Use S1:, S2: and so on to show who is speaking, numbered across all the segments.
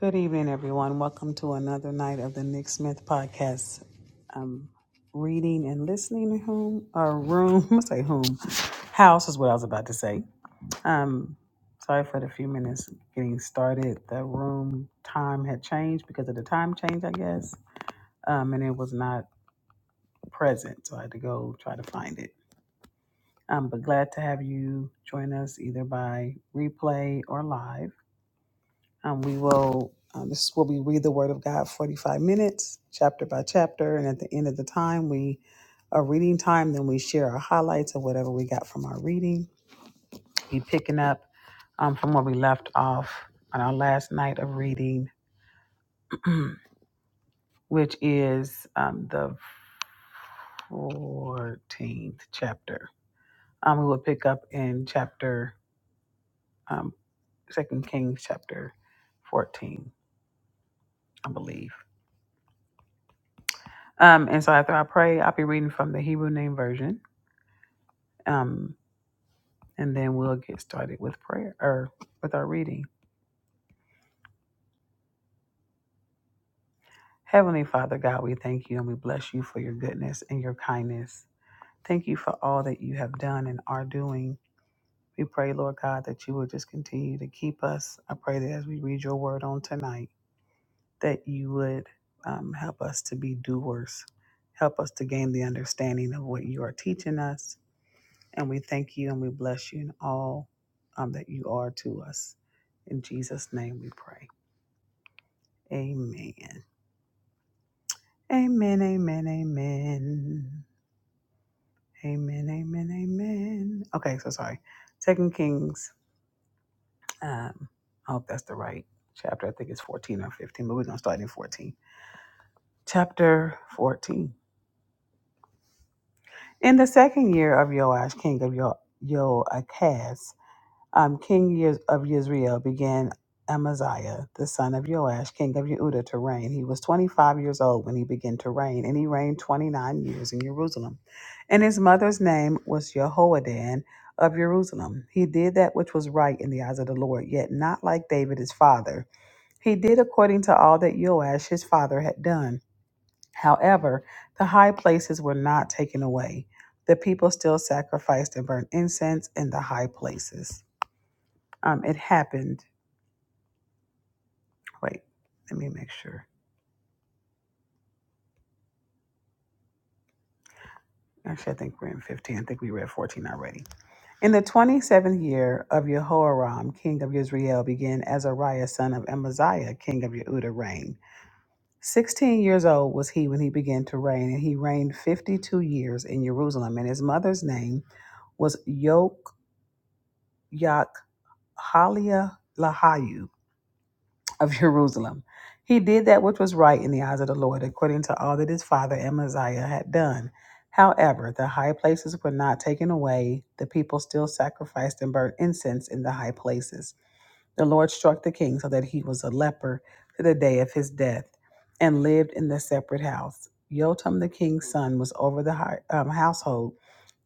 S1: Good evening, everyone. Welcome to another night of the Nick Smith podcast. Um, reading and listening room or room, I say whom house is what I was about to say. Um, sorry for the few minutes getting started. The room time had changed because of the time change, I guess, um, and it was not present, so I had to go try to find it. Um, but glad to have you join us either by replay or live. Um, we will, um, this is where we read the Word of God 45 minutes, chapter by chapter. And at the end of the time, we are reading time, then we share our highlights of whatever we got from our reading. We picking up um, from where we left off on our last night of reading, which is um, the 14th chapter. Um, we will pick up in chapter, um, 2 Kings chapter 14, I believe. Um, and so after I pray, I'll be reading from the Hebrew Name Version. Um, and then we'll get started with prayer or with our reading. Heavenly Father God, we thank you and we bless you for your goodness and your kindness. Thank you for all that you have done and are doing. We pray, Lord God, that you will just continue to keep us. I pray that as we read your word on tonight, that you would um, help us to be doers, help us to gain the understanding of what you are teaching us And we thank you and we bless you in all um, that you are to us. In Jesus' name we pray. Amen. Amen, amen, amen. Amen, amen, amen. Okay, so sorry. Second Kings, um, I hope that's the right chapter. I think it's 14 or 15, but we're going to start in 14. Chapter 14. In the second year of Joash, king of Yo- Joachaz, Um, king Yez- of Yisrael began Amaziah, the son of Joash, king of Yehuda, to reign. He was 25 years old when he began to reign, and he reigned 29 years in Jerusalem. And his mother's name was Jehoadan of Jerusalem. He did that which was right in the eyes of the Lord, yet not like David his father. He did according to all that Joash his father had done. However, the high places were not taken away. The people still sacrificed and burned incense in the high places. Um, it happened. Wait, let me make sure. Actually, I think we're in 15. I think we read 14 already. In the 27th year of Jehoram, king of Israel, began Azariah, son of Amaziah, king of Yehuda, reign. 16 years old was he when he began to reign, and he reigned 52 years in Jerusalem. And his mother's name was Yok Yak Halia of Jerusalem. He did that which was right in the eyes of the Lord, according to all that his father Amaziah had done. However, the high places were not taken away. The people still sacrificed and burnt incense in the high places. The Lord struck the king so that he was a leper to the day of his death and lived in the separate house. Yotam, the king's son, was over the hi- um, household,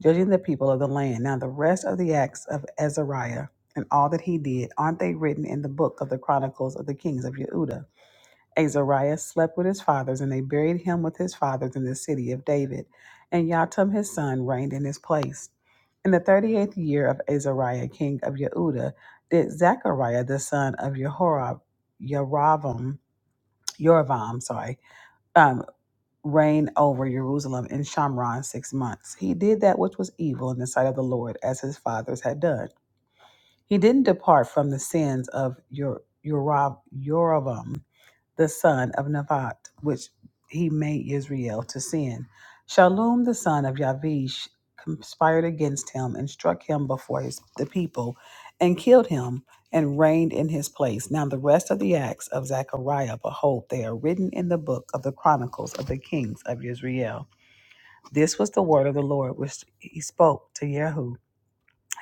S1: judging the people of the land. Now, the rest of the acts of Azariah and all that he did, aren't they written in the book of the Chronicles of the Kings of Yehuda? Azariah slept with his fathers, and they buried him with his fathers in the city of David. And Jotham his son reigned in his place. In the thirty eighth year of Azariah, king of Yehuda, did Zechariah the son of Yehorab, Yeravam, Yoravam, sorry, um, reign over Jerusalem in Shamron six months. He did that which was evil in the sight of the Lord, as his fathers had done. He didn't depart from the sins of Yer- Yorav- Yoravam the son of Nevat, which he made Israel to sin. Shalom, the son of Yavish, conspired against him and struck him before his, the people and killed him and reigned in his place. Now, the rest of the acts of Zechariah, behold, they are written in the book of the Chronicles of the kings of Israel. This was the word of the Lord which he spoke to Yehu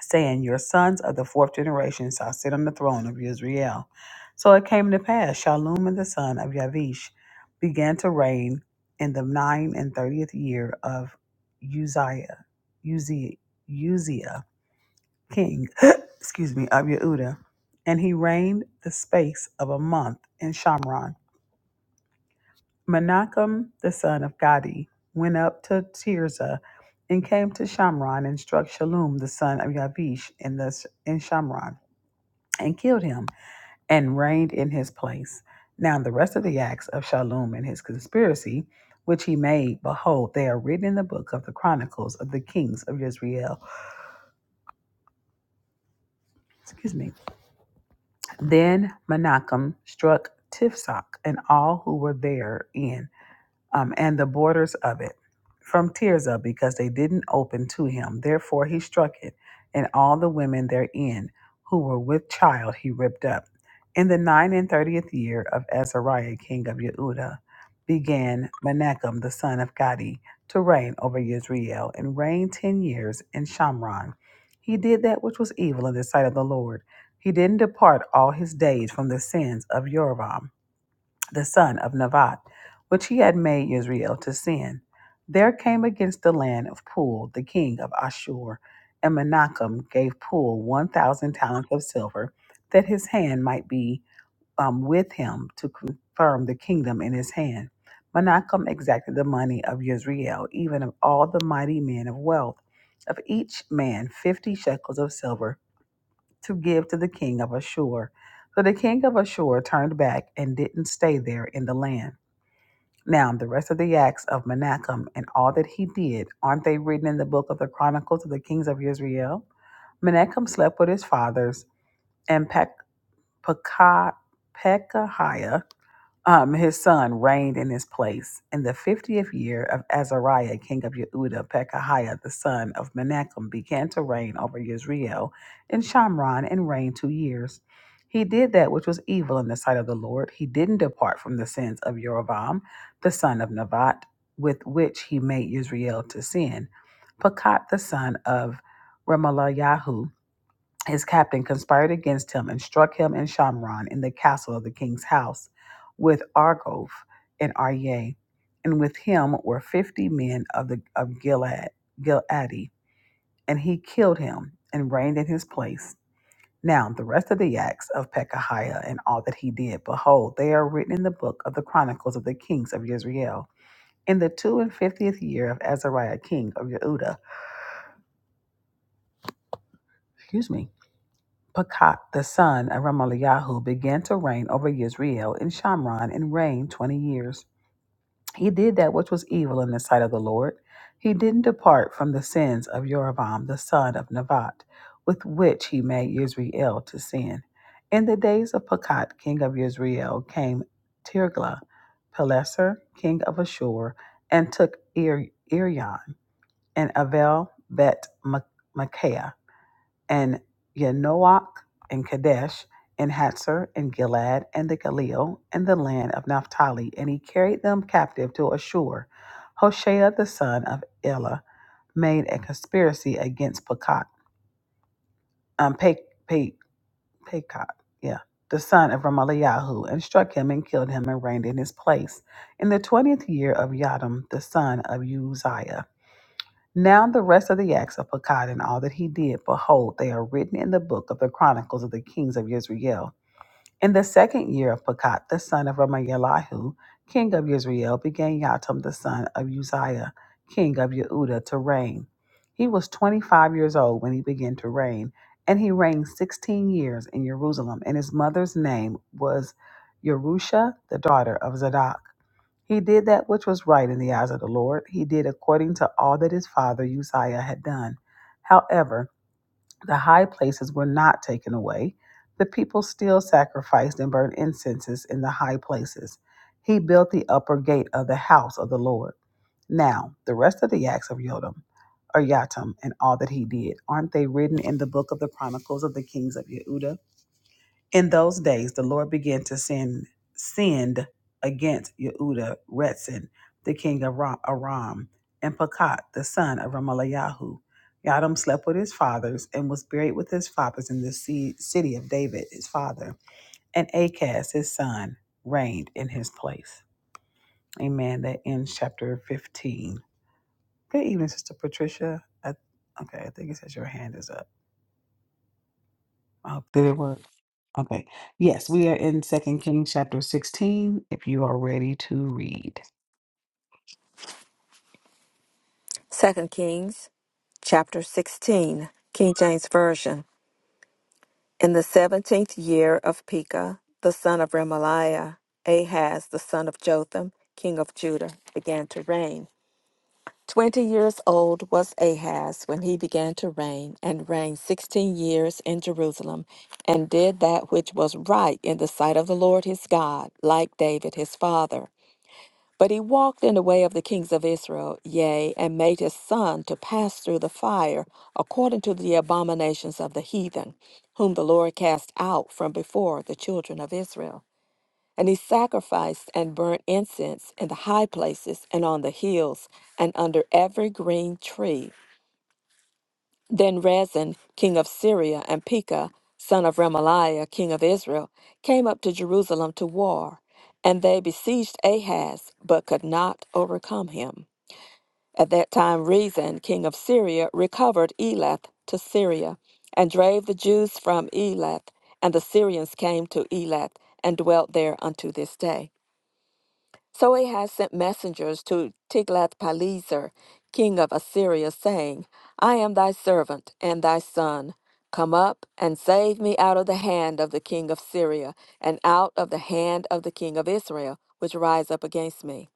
S1: saying, Your sons of the fourth generation shall sit on the throne of Israel. So it came to pass, Shallum and the son of Yavish began to reign in the nine and thirtieth year of Uzziah, Uzziah, Uzziah king, excuse me, of Yehuda. And he reigned the space of a month in Shamron. Menachem, the son of Gadi, went up to Tirzah and came to Shamron and struck Shallum, the son of Yavish, in, the, in Shamron and killed him and reigned in his place. Now the rest of the acts of Shallum and his conspiracy, which he made, behold, they are written in the book of the chronicles of the kings of Israel. Excuse me. Then Menachem struck Tifsak and all who were therein, um, and the borders of it from Tirzah, because they didn't open to him. Therefore he struck it, and all the women therein who were with child he ripped up. In the nine and thirtieth year of Azariah king of Yehuda began Menachem the son of Gadi to reign over Israel, and reigned ten years in Shamron. He did that which was evil in the sight of the Lord. He didn't depart all his days from the sins of Jeroboam the son of Nevat, which he had made Israel to sin. There came against the land of Pul the king of Ashur, and Menachem gave Pul 1,000 talents of silver, that his hand might be um, with him to confirm the kingdom in his hand. Menachem exacted the money of Yisrael, even of all the mighty men of wealth, of each man 50 shekels of silver to give to the king of Ashur. So the king of Ashur turned back and didn't stay there in the land. Now, the rest of the acts of Menachem and all that he did, aren't they written in the book of the Chronicles of the Kings of Israel? Menachem slept with his fathers, and Pek- Pekah, Pekahiah um, his son reigned in his place in the fiftieth year of Azariah, king of Yehuda. Pekahiah, the son of Menachem, began to reign over Israel in Shamron, and reigned two years. He did that which was evil in the sight of the Lord. He didn't depart from the sins of Jeroboam, the son of Nebat, with which he made Israel to sin. Pekat, the son of Remaliahu, his captain conspired against him and struck him in Shamron in the castle of the king's house with Argof and Aryeh. And with him were fifty men of the of Gilead, Gileadi. And he killed him and reigned in his place. Now the rest of the acts of Pekahiah and all that he did, behold, they are written in the book of the chronicles of the kings of Israel. In the two and fiftieth year of Azariah king of Yehuda, excuse me, Pekah, the son of Ramaliahu, began to reign over Israel in Shamron and reigned 20 years. He did that which was evil in the sight of the Lord. He didn't depart from the sins of Jeroboam, the son of Nevat, with which he made Israel to sin. In the days of Pekah, king of Israel, came Tirglah, Pileser, king of Ashur, and took Ir- Irion and Avel Bet Micaiah and Yanoach and Kadesh and Hatzer and Gilad and the Galil and the land of Naphtali, and he carried them captive to Ashur. Hoshea the son of Elah made a conspiracy against Pekah, um, Pe- Pe- Pekah, yeah, the son of Ramaliahu, and struck him and killed him and reigned in his place in the twentieth year of Yadam the son of Uzziah. Now the rest of the acts of Pekah and all that he did, behold, they are written in the book of the chronicles of the kings of Israel. In the second year of Pekah, the son of Ramayelahu, king of Israel, began Yatam the son of Uzziah, king of Yehuda, to reign. He was twenty-five years old when he began to reign, and he reigned sixteen years in Jerusalem. And his mother's name was Yerusha, the daughter of Zadok. He did that which was right in the eyes of the Lord. He did according to all that his father Uzziah had done. However, the high places were not taken away. The people still sacrificed and burned incenses in the high places. He built the upper gate of the house of the Lord. Now, the rest of the acts of Yotam, or Yatam, and all that he did, aren't they written in the book of the Chronicles of the Kings of Yehuda? In those days, the Lord began to send send against Yehuda Retzin, the king of Ra- Aram, and Pekah, the son of Ramalayahu. Yadam slept with his fathers and was buried with his fathers in the ci- city of David, his father. And Achaz, his son, reigned in his place. Amen. That ends chapter 15. Good evening, Sister Patricia. I, okay, I think it says your hand is up. I hope- Did it work? Okay. Yes, we are in Second Kings chapter 16, if you are ready to read.
S2: Second Kings chapter 16, King James Version. In the seventeenth year of Pekah, the son of Remaliah, Ahaz, the son of Jotham, king of Judah, began to reign. Twenty years old was Ahaz when he began to reign, and reigned sixteen years in Jerusalem, and did that which was right in the sight of the Lord his God, like David his father. But he walked in the way of the kings of Israel, yea, and made his son to pass through the fire, according to the abominations of the heathen, whom the Lord cast out from before the children of Israel. And he sacrificed and burnt incense in the high places and on the hills, and under every green tree then Rezin, king of Syria, and Pekah, son of Remaliah, king of Israel, came up to Jerusalem to war, and they besieged Ahaz, but could not overcome him. At that time, Rezin, king of Syria, recovered Elath to Syria, and drave the Jews from Elath, and the Syrians came to Elath, and dwelt there unto this day. So Ahaz sent messengers to Tiglath-Pileser, king of Assyria, saying, I am thy servant and thy son. Come up and save me out of the hand of the king of Syria, and out of the hand of the king of Israel, which rise up against me.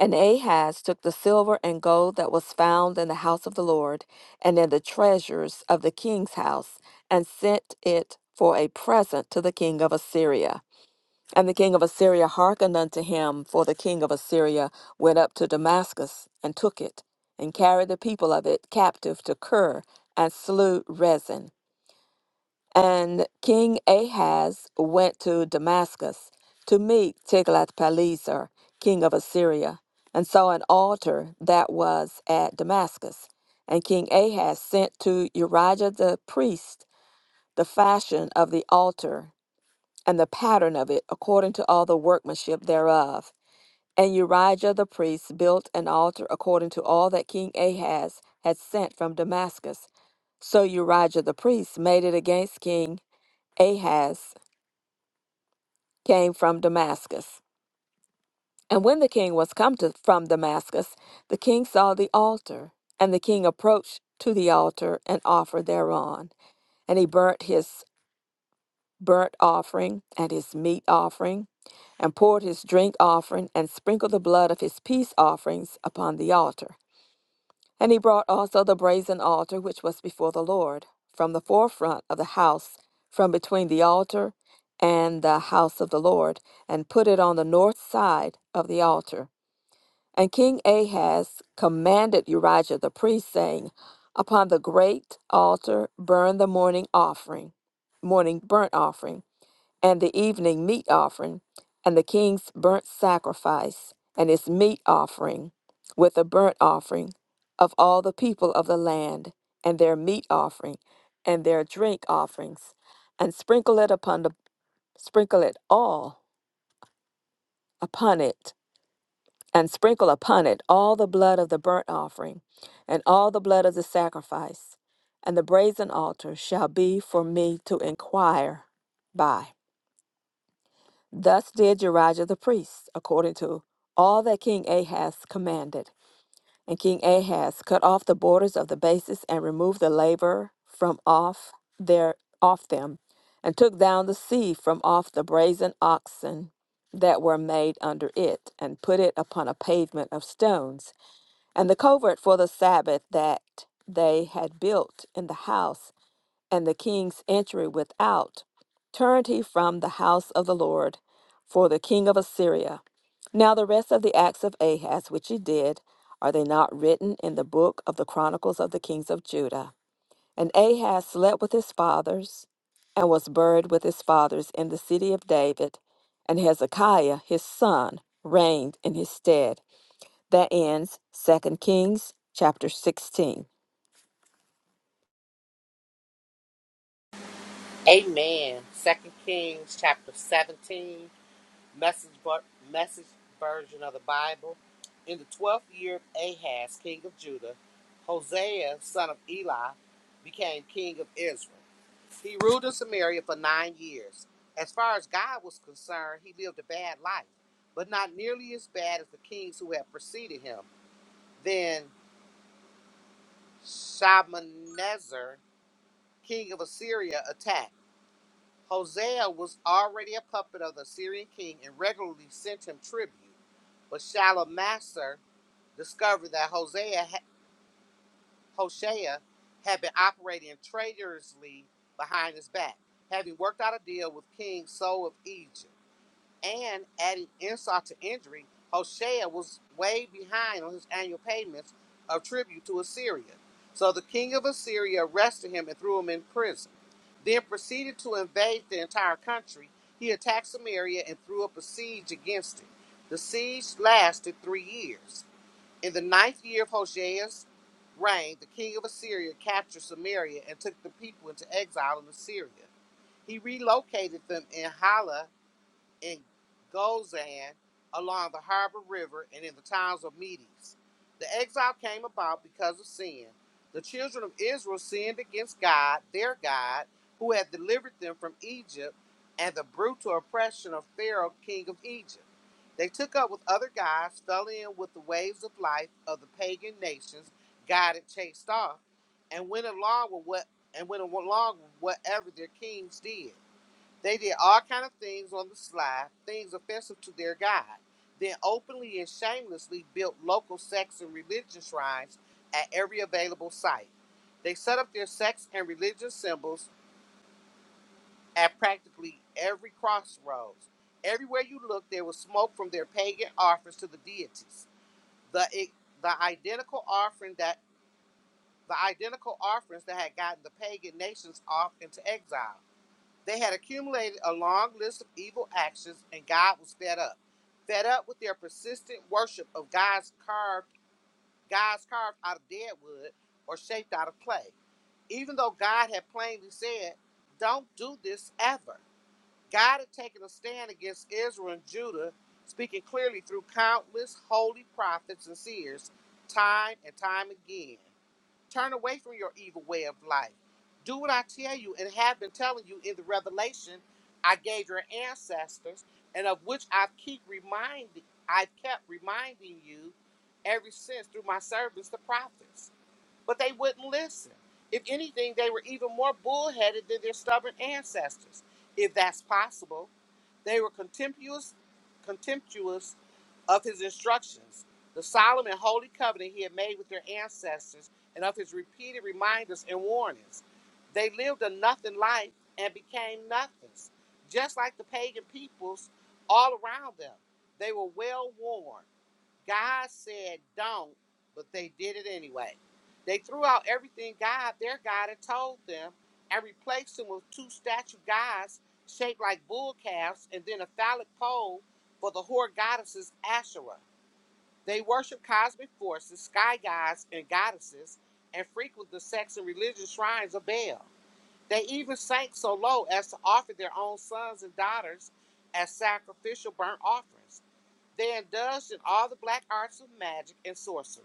S2: And Ahaz took the silver and gold that was found in the house of the Lord, and in the treasures of the king's house, and sent it for a present to the king of Assyria. And the king of Assyria hearkened unto him, for the king of Assyria went up to Damascus and took it, and carried the people of it captive to Kir, and slew Rezin. And King Ahaz went to Damascus to meet Tiglath-Pileser, king of Assyria, and saw an altar that was at Damascus. And King Ahaz sent to Urijah the priest the fashion of the altar and the pattern of it according to all the workmanship thereof. And Urijah the priest built an altar according to all that King Ahaz had sent from Damascus. So Urijah the priest made it against King Ahaz, came from Damascus. And when the king was come to, from Damascus, the king saw the altar, and the king approached to the altar and offered thereon. And he burnt his burnt offering and his meat offering, and poured his drink offering, and sprinkled the blood of his peace offerings upon the altar. And he brought also the brazen altar which was before the Lord, from the forefront of the house, from between the altar and the house of the Lord, and put it on the north side of the altar. And King Ahaz commanded Urijah the priest, saying, Upon the great altar burn the morning offering, morning burnt offering and the evening meat offering, and the king's burnt sacrifice, and his meat offering, with a burnt offering of all the people of the land, and their meat offering, and their drink offerings, and sprinkle it upon the sprinkle it all upon it, and sprinkle upon it all the blood of the burnt offering, and all the blood of the sacrifice, and the brazen altar shall be for me to inquire by. Thus did Jerijah the priest, according to all that King Ahaz commanded. And King Ahaz cut off the borders of the bases and removed the labor from off their off them, and took down the sea from off the brazen oxen that were made under it, and put it upon a pavement of stones. And the covert for the Sabbath that they had built in the house and the king's entry without, turned he from the house of the Lord for the king of Assyria. Now, the rest of the acts of Ahaz which he did, are they not written in the book of the chronicles of the kings of Judah? And Ahaz slept with his fathers, and was buried with his fathers in the city of David, and Hezekiah his son reigned in his stead. That ends Second Kings chapter 16.
S3: Amen. Second Kings chapter 17, message, ver- message version of the Bible. In the twelfth year of Ahaz, king of Judah, Hosea, son of Eli, became king of Israel. He ruled in Samaria for nine years. As far as God was concerned, he lived a bad life, but not nearly as bad as the kings who had preceded him. Then Shalmaneser, king of Assyria, attacked. Hosea was already a puppet of the Syrian king and regularly sent him tribute. But Shalmaneser discovered that Hosea, Hoshea had been operating traitorously behind his back, having worked out a deal with King So of Egypt. And adding insult to injury, Hoshea was way behind on his annual payments of tribute to Assyria. So the king of Assyria arrested him and threw him in prison, then proceeded to invade the entire country. He attacked Samaria and threw up a siege against it. The siege lasted three years. In the ninth year of Hosea's reign, the king of Assyria captured Samaria and took the people into exile in Assyria. He relocated them in Hala in Gozan along the harbor river and in the towns of Medes. The exile came about because of sin. The children of Israel sinned against God, their God, who had delivered them from Egypt and the brutal oppression of Pharaoh, king of Egypt. They took up with other gods, fell in with the waves of life of the pagan nations God had chased off, and went along with what and went along with whatever their kings did. They did all kind of things on the sly, things offensive to their God. Then openly and shamelessly built local sects and religion shrines at every available site. They set up their sects and religious symbols at practically every crossroads. Everywhere you look, there was smoke from their pagan offerings to the deities. The the identical offering that the identical offerings that had gotten the pagan nations off into exile. They had accumulated a long list of evil actions, and God was fed up. Fed up with their persistent worship of God's carved, God's carved out of dead wood or shaped out of clay. Even though God had plainly said, Don't do this ever. God had taken a stand against Israel and Judah, speaking clearly through countless holy prophets and seers, time and time again. Turn away from your evil way of life. Do what I tell you and have been telling you in the revelation I gave your ancestors, and of which I keep reminding I've kept reminding you ever since through my servants, the prophets. But they wouldn't listen. If anything, they were even more bullheaded than their stubborn ancestors, if that's possible. They were contemptuous, contemptuous of his instructions, the solemn and holy covenant he had made with their ancestors, and of his repeated reminders and warnings. They lived a nothing life and became nothings, just like the pagan peoples all around them. They were well worn, God said don't, but they did it anyway. They threw out everything God, their God, had told them and replaced them with two statue gods shaped like bull calves and then a phallic pole for the whore goddesses Asherah. They worship cosmic forces, sky gods, and goddesses, and frequent the sex and religious shrines of Baal. They even sank so low as to offer their own sons and daughters as sacrificial burnt offerings. They indulged in all the black arts of magic and sorcery.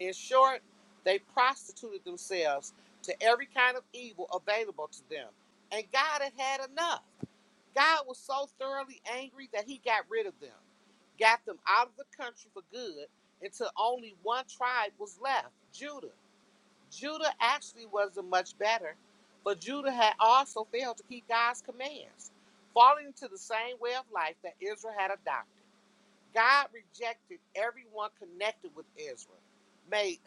S3: In short, they prostituted themselves to every kind of evil available to them. And God had had enough. God was so thoroughly angry that he got rid of them, got them out of the country for good until only one tribe was left Judah. Judah actually wasn't much better, but Judah had also failed to keep God's commands, falling into the same way of life that Israel had adopted. God rejected everyone connected with Israel, made,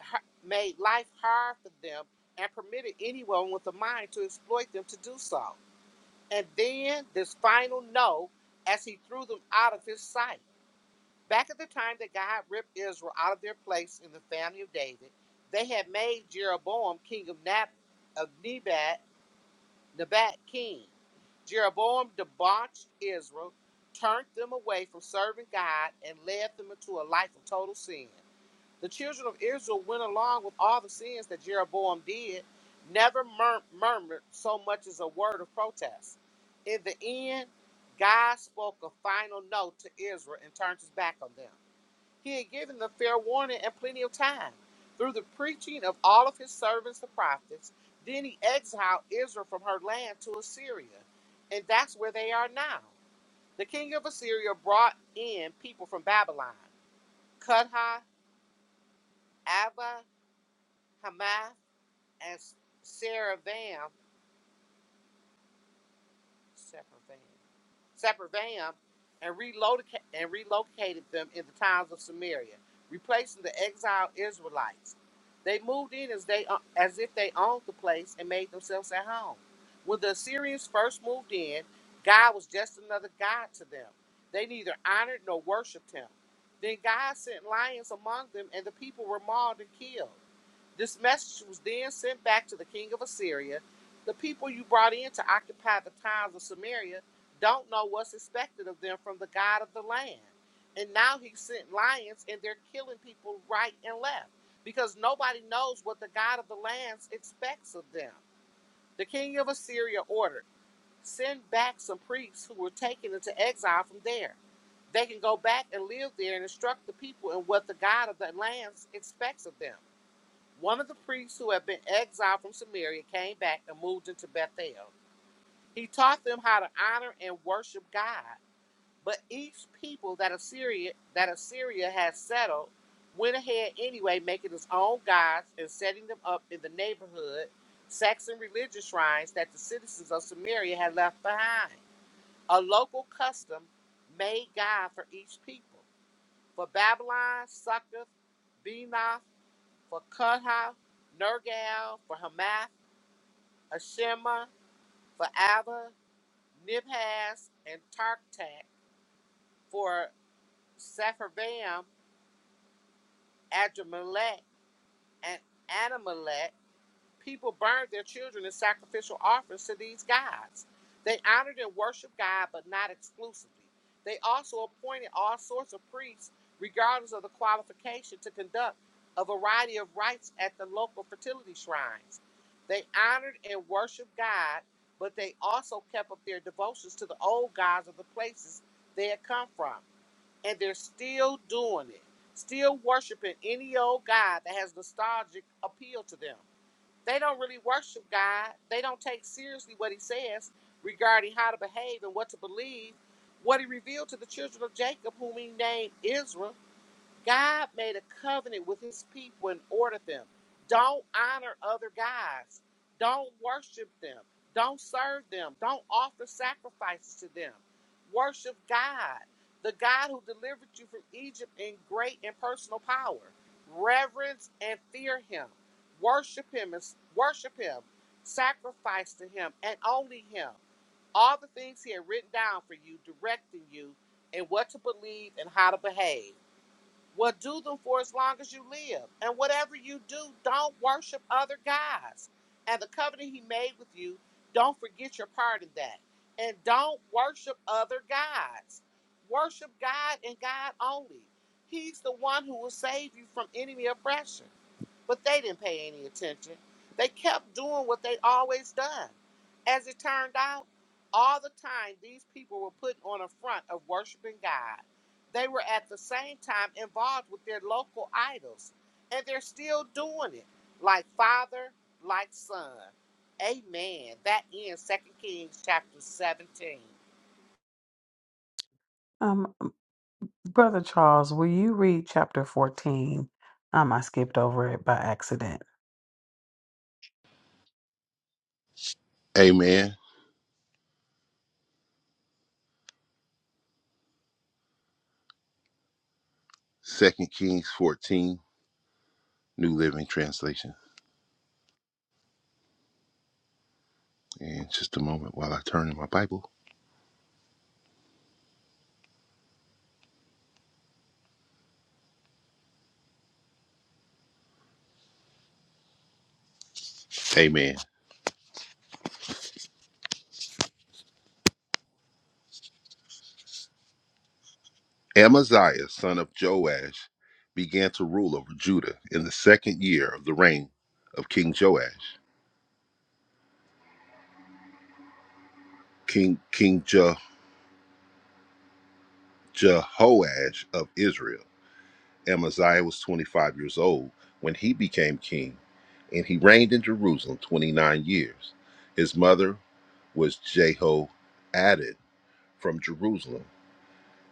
S3: made life hard for them, and permitted anyone with a mind to exploit them to do so. And then this final no as he threw them out of his sight. Back at the time that God ripped Israel out of their place in the family of David, they had made Jeroboam king of, Nab- of Nebat the bad king. Jeroboam debauched Israel, turned them away from serving God, and led them into a life of total sin. The children of Israel went along with all the sins that Jeroboam did, never mur- murmured so much as a word of protest. In the end, God spoke a final no to Israel and turned his back on them. He had given them fair warning and plenty of time through the preaching of all of his servants, the prophets. Then he exiled Israel from her land to Assyria, and that's where they are now. The king of Assyria brought in people from Babylon, Cutha, Ava, Hamath, and Saravam, Separate Sepharvaim and, reloca- and relocated them in the towns of Samaria, replacing the exiled Israelites. They moved in as, they, uh, as if they owned the place and made themselves at home. When the Assyrians first moved in, God was just another God to them. They neither honored nor worshiped him. Then God sent lions among them, and the people were mauled and killed. This message was then sent back to the king of Assyria. The people you brought in to occupy the towns of Samaria don't know what's expected of them from the God of the land. And now he sent lions, and they're killing people right and left because nobody knows what the God of the lands expects of them. The king of Assyria ordered send back some priests who were taken into exile from there. They can go back and live there and instruct the people in what the God of the lands expects of them. One of the priests who had been exiled from Samaria came back and moved into Bethel. He taught them how to honor and worship God. But each people that Assyria that Assyria had settled went ahead anyway, making its own gods and setting them up in the neighborhood Saxon religious shrines that the citizens of Samaria had left behind. A local custom made God for each people. For Babylon, Succoth, Benoth, for Kutha, Nergal, for Hamath, Ashima, for Abba, Nibhaz, and Tartak, for Sepharvaim, Adramelech, and Anamelech, People burned their children as sacrificial offerings to these gods. They honored and worshiped God, but not exclusively. They also appointed all sorts of priests, regardless of the qualification, to conduct a variety of rites at the local fertility shrines. They honored and worshiped God, but they also kept up their devotions to the old gods of the places they had come from. And they're still doing it, still worshiping any old god that has nostalgic appeal to them. They don't really worship God. They don't take seriously what he says regarding how to behave and what to believe, what he revealed to the children of Jacob, whom he named Israel. God made a covenant with his people and ordered them. Don't honor other gods. Don't worship them. Don't serve them. Don't offer sacrifices to them. Worship God, the God who delivered you from Egypt in great and personal power. Reverence and fear him. Worship him and worship him. Sacrifice to him and only him. All the things he had written down for you, directing you and what to believe and how to behave. Well, do them for as long as you live. And whatever you do, don't worship other gods. And the covenant he made with you, don't forget your part in that. And don't worship other gods. Worship God and God only. He's the one who will save you from enemy oppression. But they didn't pay any attention. They kept doing what they always done. As it turned out, all the time these people were put on a front of worshiping God, they were at the same time involved with their local idols, and they're still doing it, like Father, like Son. Amen. That ends Second Kings chapter 17.
S1: Um, Brother Charles, will you read chapter 14? Um, I skipped over it by accident.
S4: Amen. Second Kings 14, New Living Translation. And just a moment while I turn in my Bible. Amen. Amaziah, son of Joash, began to rule over Judah in the second year of the reign of King Joash, King King Je- Jehoash of Israel. Amaziah was 25 years old when he became king, and he reigned in Jerusalem 29 years. His mother was Jehoadad from Jerusalem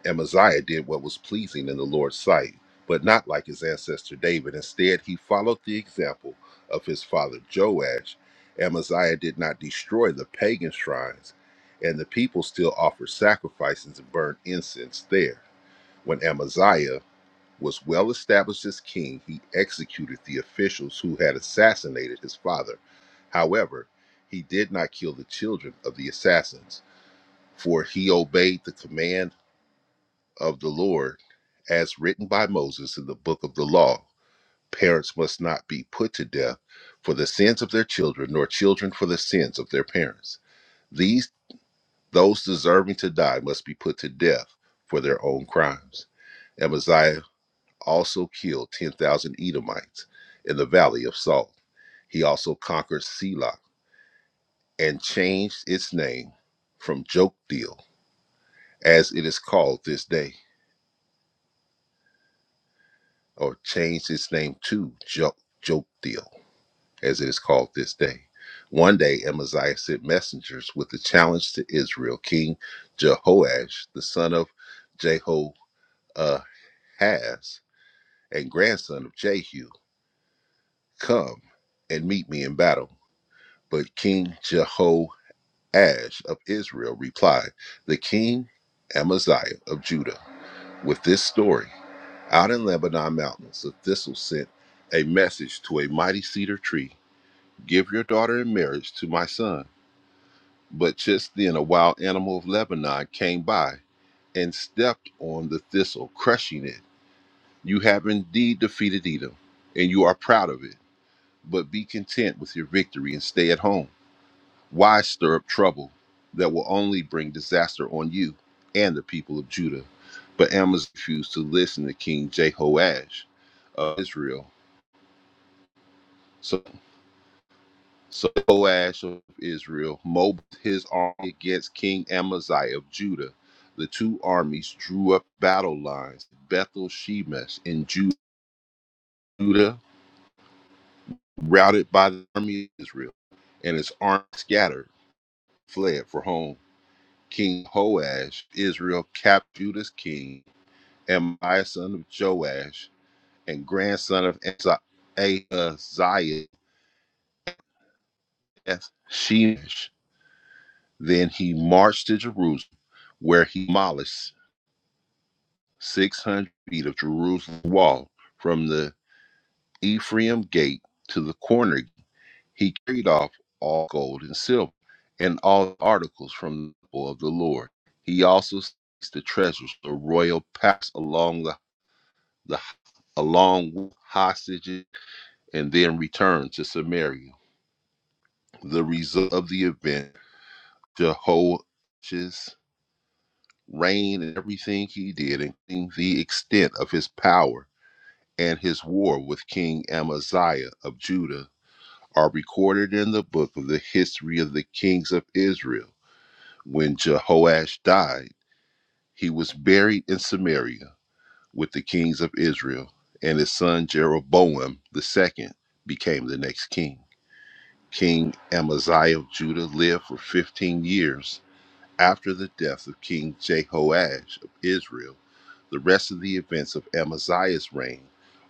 S4: Amaziah did what was pleasing in the Lord's sight, but not like his ancestor David. Instead, he followed the example of his father Joash. Amaziah did not destroy the pagan shrines, and the people still offered sacrifices and burned incense there. When Amaziah was well established as king, he executed the officials who had assassinated his father. However, he did not kill the children of the assassins, for he obeyed the command of the Lord, as written by Moses in the book of the law. Parents must not be put to death for the sins of their children, nor children for the sins of their parents. These those deserving to die must be put to death for their own crimes. Amaziah also killed 10,000 Edomites in the valley of Salt. He also conquered Selah and changed its name from Jokdeel, as it is called this day. or changed its name to Jo- Jokdeel, as it is called this day. One day, Amaziah sent messengers with a challenge to Israel. King Jehoash, the son of Jehoahaz and grandson of Jehu, come and meet me in battle. But King Jehoash of Israel replied, The king Amaziah of Judah, with this story, out in Lebanon mountains, a thistle sent a message to a mighty cedar tree Give your daughter in marriage to my son. But just then a wild animal of Lebanon came by and stepped on the thistle, crushing it. You have indeed defeated Edom, and you are proud of it. But be content with your victory and stay at home. Why stir up trouble that will only bring disaster on you and the people of Judah? But Amos refused to listen to King Jehoash of Israel. so. So Joash of Israel mobilized his army against King Amaziah of Judah. The two armies drew up battle lines, at Bethel Shemesh in Judah, routed by the army of Israel, and his army scattered, fled for home. King Joash, of Israel, captured Judah's king, Amaziah son of Joash, and grandson of Ahaziah, Ahaziah, Shemesh. Then he marched to Jerusalem, where he demolished 600 feet of Jerusalem wall from the Ephraim gate to the corner. He carried off all gold and silver and all articles from the temple of the Lord. He also seized the treasures of royal palace along the, the along with hostages and then returned to Samaria. The result of the event, Jehoash's reign and everything he did, including the extent of his power and his war with King Amaziah of Judah are recorded in the book of the history of the kings of Israel. When Jehoash died, he was buried in Samaria with the kings of Israel, and his son Jeroboam the second became the next king. King Amaziah of Judah lived for 15 years after the death of King Jehoash of Israel, the rest of the events of Amaziah's reign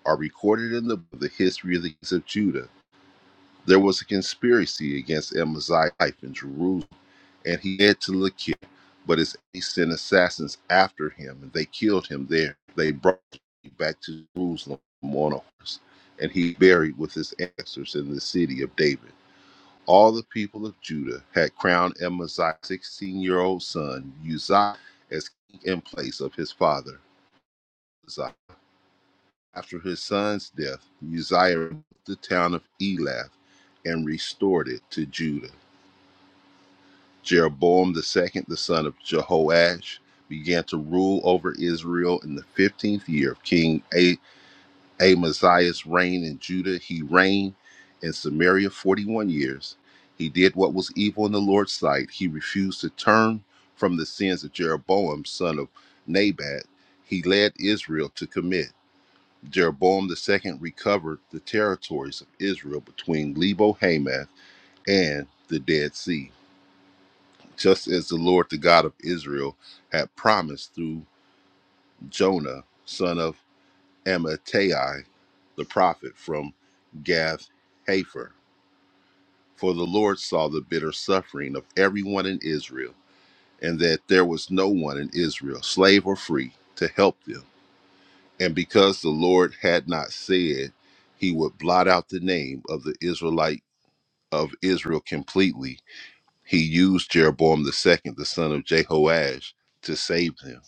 S4: are recorded in the, the history of the kings of Judah. There was a conspiracy against Amaziah's life in Jerusalem, and he fled to Lachish, but his enemies sent assassins after him, and they killed him there. They brought him back to Jerusalem on a horse, and he buried with his ancestors in the city of David all the people of Judah had crowned Amaziah's 16 year old son, Uzziah, as king in place of his father, Uzziah. After his son's death, Uzziah removed the town of Elath and restored it to Judah. Jeroboam the second, the son of Jehoash, began to rule over Israel in the 15th year of King Amaziah's reign in Judah, he reigned in Samaria 41 years. He did what was evil in the Lord's sight. He refused to turn from the sins of Jeroboam, son of Nabat, he led Israel to commit. Jeroboam the second recovered the territories of Israel between Lebo Hamath and the Dead Sea, just as the Lord, the God of Israel, had promised through Jonah, son of Amittai the prophet from Gath Hepher. For the Lord saw the bitter suffering of everyone in Israel, and that there was no one in Israel, slave or free, to help them. And because the Lord had not said he would blot out the name of the Israelite of Israel completely, he used Jeroboam the second, the son of Jehoash, to save them.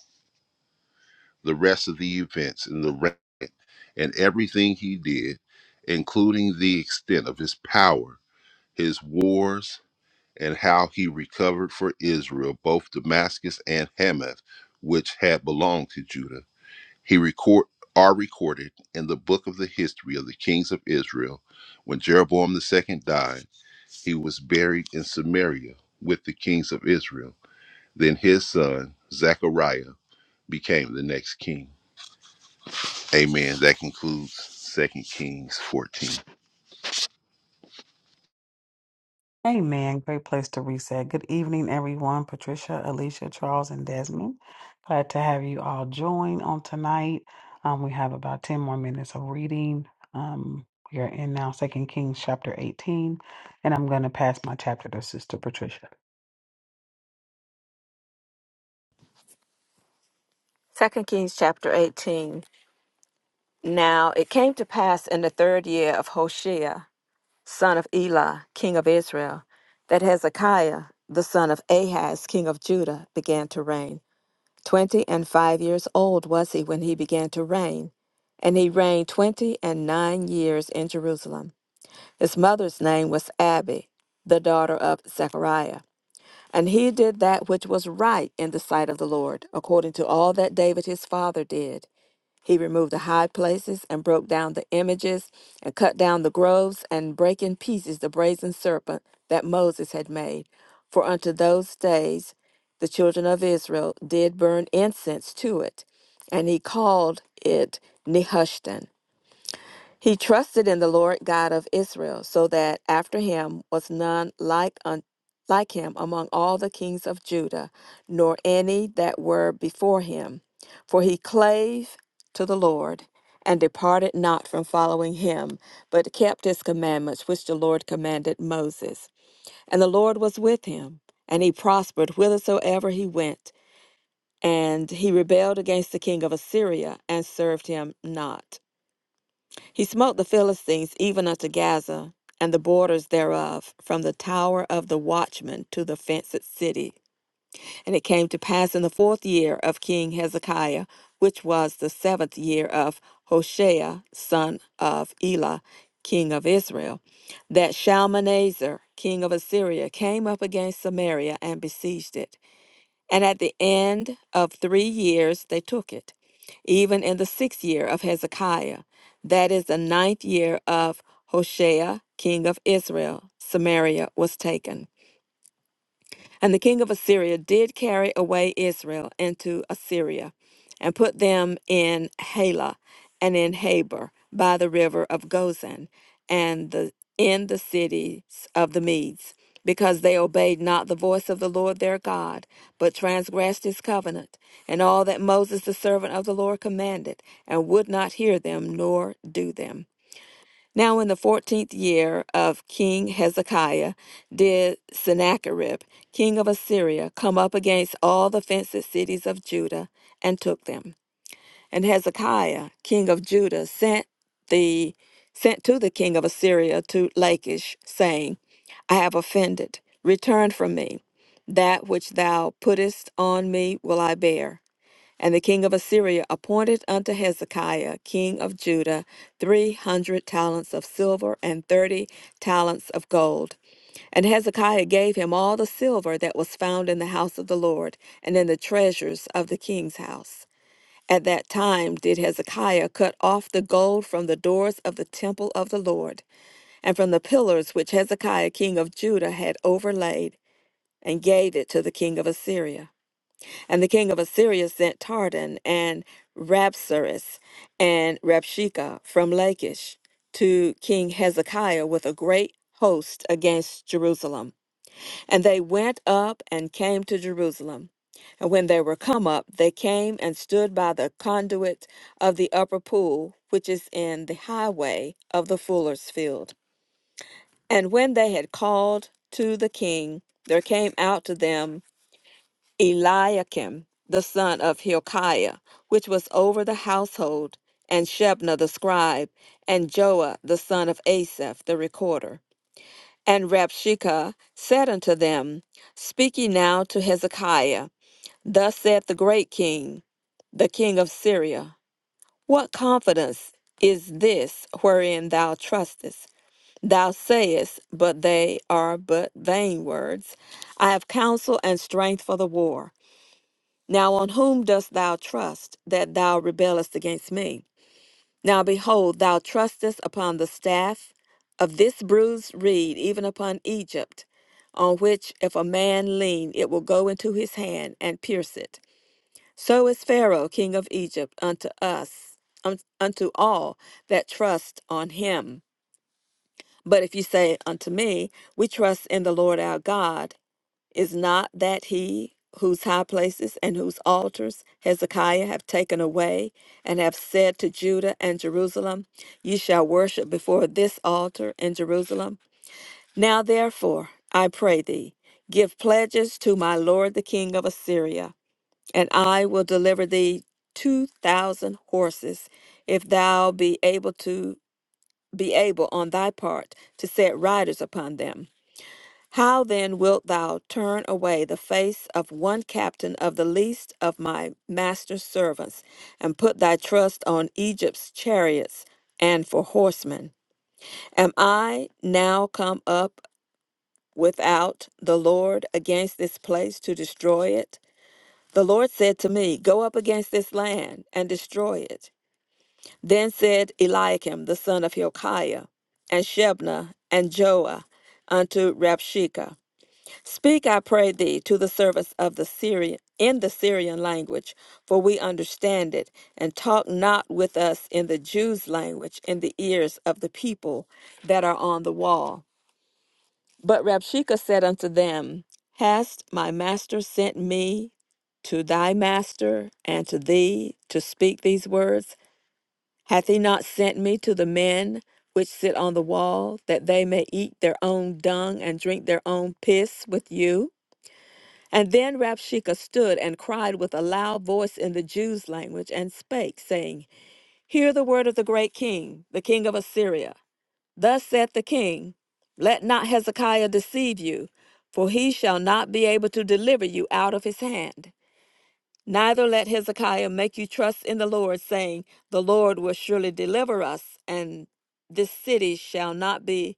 S4: The rest of the events in the reign and everything he did, including the extent of his power, his wars, and how he recovered for Israel both Damascus and Hamath, which had belonged to Judah. He record are recorded in the book of the history of the kings of Israel. When Jeroboam the second died, he was buried in Samaria with the kings of Israel. Then his son Zechariah became the next king. Amen. That concludes Second Kings 14.
S1: Amen. Great place to reset. Good evening, everyone. Patricia, Alicia, Charles, and Desmond. Glad to have you all join on tonight. Um, we have about 10 more minutes of reading. Um, we are in now Second Kings chapter 18, and I'm going to pass my chapter to Sister Patricia.
S2: Second Kings chapter 18. Now it came to pass in the third year of Hoshea, son of Elah, king of Israel, that Hezekiah, the son of Ahaz, king of Judah, began to reign. Twenty and five years old was he when he began to reign, and he reigned twenty and nine years in Jerusalem. His mother's name was Abi, the daughter of Zechariah. And he did that which was right in the sight of the Lord, according to all that David his father did. He removed the high places and broke down the images and cut down the groves and brake in pieces the brazen serpent that Moses had made. For unto those days the children of Israel did burn incense to it, and he called it Nehushtan. He trusted in the Lord God of Israel, so that after him was none like un- like him among all the kings of Judah, nor any that were before him. For he clave to the Lord, and departed not from following him, but kept his commandments which the Lord commanded Moses. And the Lord was with him, and he prospered whithersoever he went. And he rebelled against the king of Assyria, and served him not. He smote the Philistines even unto Gaza, and the borders thereof, from the tower of the watchman to the fenced city. And it came to pass in the fourth year of King Hezekiah, which was the seventh year of Hoshea, son of Elah, king of Israel, that Shalmaneser, king of Assyria, came up against Samaria and besieged it. And at the end of three years, they took it, even in the sixth year of Hezekiah. That is the ninth year of Hoshea, king of Israel. Samaria was taken. And the king of Assyria did carry away Israel into Assyria, and put them in Halah, and in Habor by the river of Gozan, and the, in the cities of the Medes, because they obeyed not the voice of the Lord their God, but transgressed his covenant, and all that Moses the servant of the Lord commanded, and would not hear them nor do them. Now, in the fourteenth year of King Hezekiah, did Sennacherib, king of Assyria, come up against all the fenced cities of Judah and took them. And Hezekiah, king of Judah, sent the sent to the king of Assyria to Lachish, saying, I have offended. Return from me. That which thou puttest on me will I bear. And the king of Assyria appointed unto Hezekiah, king of Judah, three hundred talents of silver and thirty talents of gold. And Hezekiah gave him all the silver that was found in the house of the Lord and in the treasures of the king's house. At that time did Hezekiah cut off the gold from the doors of the temple of the Lord, and from the pillars which Hezekiah king of Judah had overlaid, and gave it to the king of Assyria. And the king of Assyria sent Tardan and Rabsaris and Rabshakeh from Lachish to King Hezekiah with a great host against Jerusalem. And they went up and came to Jerusalem. And when they were come up, they came and stood by the conduit of the upper pool, which is in the highway of the fuller's field. And when they had called to the king, there came out to them Eliakim the son of Hilkiah, which was over the household, and Shebna the scribe, and Joah the son of Asaph the recorder. And Rabshakeh said unto them, Speak ye now to Hezekiah. Thus saith the great king, the king of Syria, What confidence is this wherein thou trustest? Thou sayest, but they are but vain words. I have counsel and strength for the war now on whom dost thou trust that thou rebellest against me? Now behold, thou trustest upon the staff of this bruised reed, even upon Egypt, on which if a man lean, it will go into his hand and pierce it. So is Pharaoh, king of Egypt, unto us, un- unto all that trust on him. But if you say unto me, We trust in the Lord our God, is not that he whose high places and whose altars Hezekiah have taken away, and have said to Judah and Jerusalem, Ye shall worship before this altar in Jerusalem? Now therefore, I pray thee, give pledges to my lord the king of Assyria, and I will deliver thee two thousand horses, if thou be able to be able on thy part to set riders upon them. How then wilt thou turn away the face of one captain of the least of my master's servants, and put thy trust on Egypt's chariots and for horsemen? Am I now come up without the Lord against this place to destroy it? The Lord said to me, Go up against this land and destroy it. Then said Eliakim the son of Hilkiah, and Shebna, and Joah unto Rabshakeh. Speak, I pray thee, to the service of the Syrian in the Syrian language, for we understand it, and talk not with us in the Jews' language in the ears of the people that are on the wall. But Rabshakeh said unto them, Hast my master sent me to thy master and to thee to speak these words? Hath he not sent me to the men which sit on the wall, that they may eat their own dung and drink their own piss with you? And then Rabshakeh stood and cried with a loud voice in the Jews' language and spake, saying, Hear the word of the great king, the king of Assyria. Thus saith the king, Let not Hezekiah deceive you, for he shall not be able to deliver you out of his hand. Neither let Hezekiah make you trust in the Lord, saying, The Lord will surely deliver us, and this city shall not be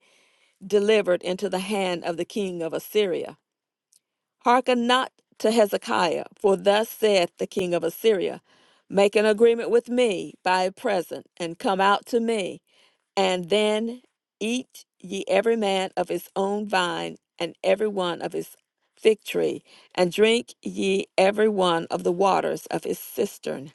S2: delivered into the hand of the king of Assyria. Hearken not to Hezekiah, for thus saith the king of Assyria Make an agreement with me by a present, and come out to me, and then eat ye every man of his own vine, and every one of his fig tree, and drink ye every one of the waters of his cistern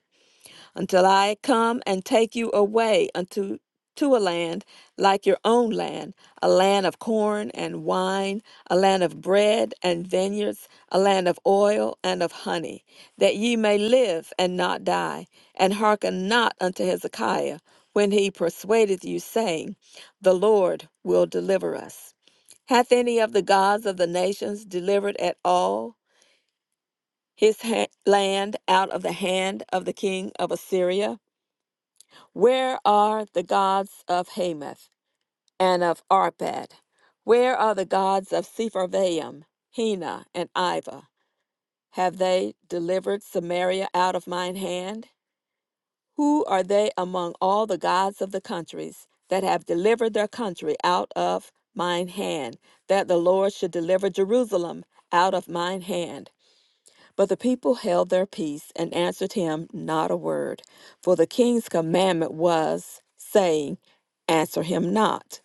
S2: until I come and take you away unto to a land like your own land, a land of corn and wine, a land of bread and vineyards, a land of oil and of honey, that ye may live and not die, and hearken not unto Hezekiah when he persuadeth you, saying, The Lord will deliver us. Hath any of the gods of the nations delivered at all his ha- land out of the hand of the king of Assyria? Where are the gods of Hamath and of Arpad? Where are the gods of Sepharvaim, Hena, and Iva? Have they delivered Samaria out of mine hand? Who are they among all the gods of the countries that have delivered their country out of mine hand, that the Lord should deliver Jerusalem out of mine hand? But the people held their peace and answered him not a word. For the king's commandment was, saying, Answer him not.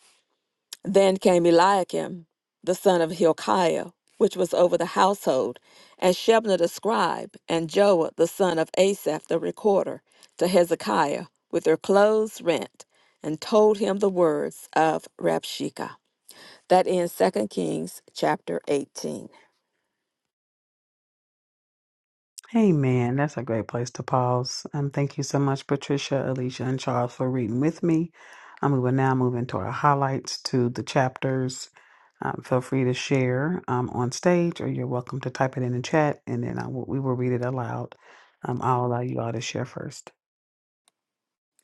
S2: Then came Eliakim, the son of Hilkiah, which was over the household, and Shebna the scribe, and Joah the son of Asaph the recorder, to Hezekiah, with their clothes rent, and told him the words of Rabshakeh. That ends Second Kings chapter 18.
S1: Hey man, that's a great place to pause. Um, thank you so much, Patricia, Alicia, and Charles for reading with me. Um, we will now move into our highlights to the chapters. Um, feel free to share um, on stage, or you're welcome to type it in the chat, and then I will, we will read it aloud. Um, I'll allow you all to share first.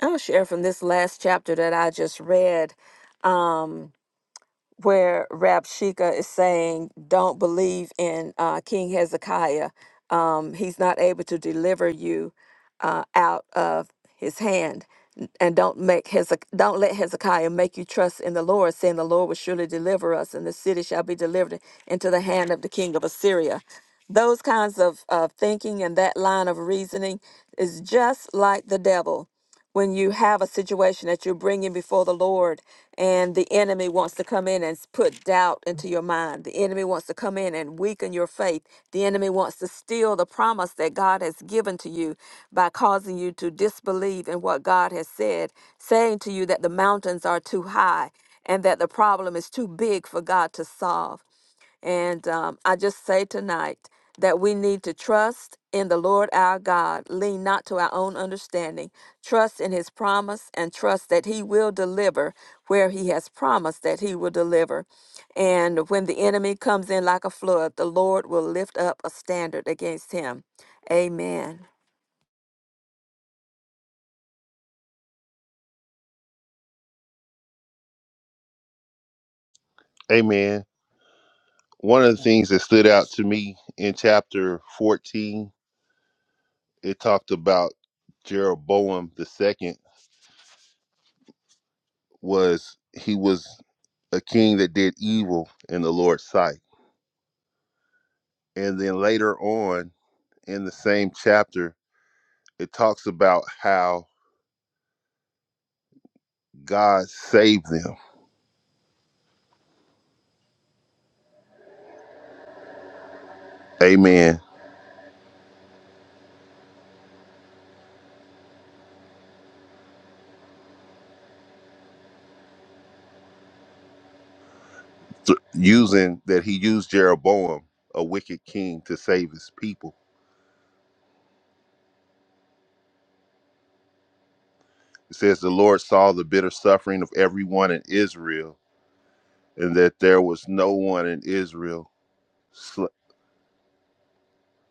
S2: I'll share from this last chapter that I just read, um, where Rabshakeh is saying, "Don't believe in uh, King Hezekiah. Um, he's not able to deliver you uh, out of his hand, N- and don't make Hezek- don't let Hezekiah make you trust in the Lord, saying the Lord will surely deliver us, and the city shall be delivered into the hand of the king of Assyria." Those kinds of, of thinking and that line of reasoning is just like the devil when you have a situation that you're bringing before the Lord and the enemy wants to come in and put doubt into your mind. The enemy wants to come in and weaken your faith. The enemy wants to steal the promise that God has given to you by causing you to disbelieve in what God has said, saying to you that the mountains are too high and that the problem is too big for God to solve. And um, I just say tonight that we need to trust in the Lord our God, lean not to our own understanding, trust in his promise, and trust that he will deliver where he has promised that he will deliver. And when the enemy comes in like a flood, the Lord will lift up a standard against him. Amen.
S4: Amen. One of the things that stood out to me in chapter 14, it talked about Jeroboam the second was he was a king that did evil in the Lord's sight. And then later on in the same chapter, it talks about how God saved them. Amen. Th- Using that he used Jeroboam, a wicked king, to save his people. It says the Lord saw the bitter suffering of everyone in Israel and that there was no one in Israel, sl-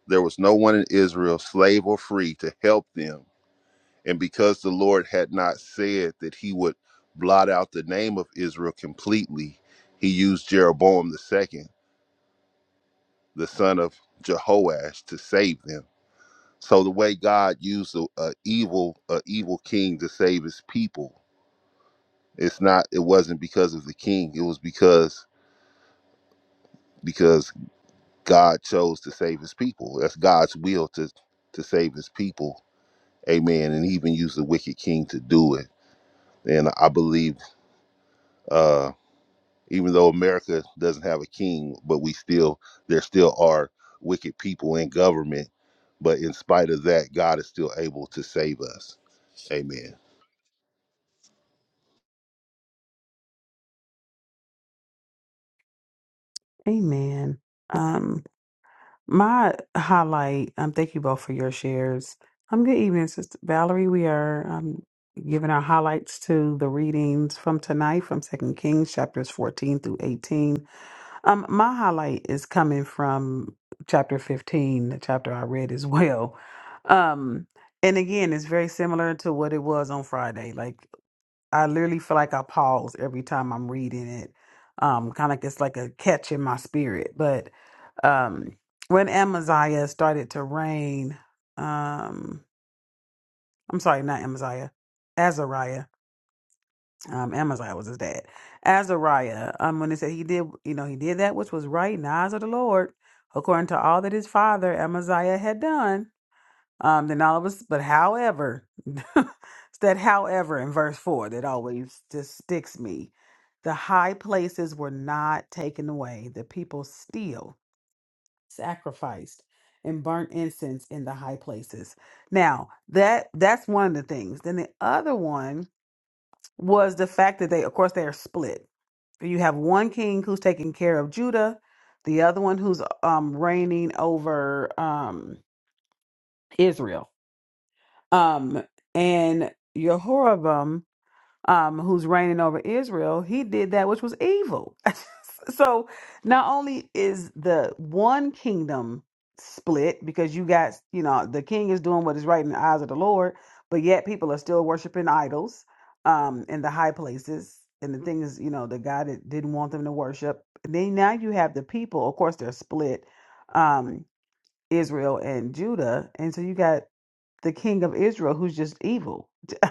S4: there was no one in Israel, slave or free, to help them. And because the Lord had not said that he would blot out the name of Israel completely, he used Jeroboam the second, the son of Jehoash, to save them. So the way God used a, a evil a evil king to save his people, it's not it wasn't because of the king. It was because because God chose to save his people. That's God's will to to save his people. Amen. And he even used the wicked king to do it. And I believe uh even though America doesn't have a king, but we still there still are wicked people in government. But in spite of that, God is still able to save us. Amen.
S1: Amen. Um, My highlight, um, thank you both for your shares. Um, good evening, Sister Valerie. We are um, giving our highlights to the readings from tonight from Second Kings chapters 14 through 18. Um, my highlight is coming from chapter 15, the chapter I read as well. Um, and again, it's very similar to what it was on Friday. Like I literally feel like I pause every time I'm reading it. Um, kind of like it's like a catch in my spirit. But um, when Amaziah started to reign, um, I'm sorry, not Amaziah, Azariah. Um, Amaziah was his dad. Azariah. Um, when it said he did, you know, he did that which was right in the eyes of the Lord, according to all that his father Amaziah had done. Um, then all of us, but however, it's that however in verse four that always just sticks me. The high places were not taken away. The people still sacrificed and burnt incense in the high places. Now that that's one of the things. Then the other one was the fact that they, of course, they are split. You have one king who's taking care of Judah, the other one who's um reigning over um Israel Um, and Jehoram, um, who's reigning over Israel, he did that which was evil. so not only is the one kingdom split because you got, you know, the king is doing what is right in the eyes of the Lord, but yet people are still worshiping idols um in the high places and the things, you know, the God that didn't want them to worship. Then now you have the people, of course they're split, um, Israel and Judah. And so you got the king of Israel who's just evil.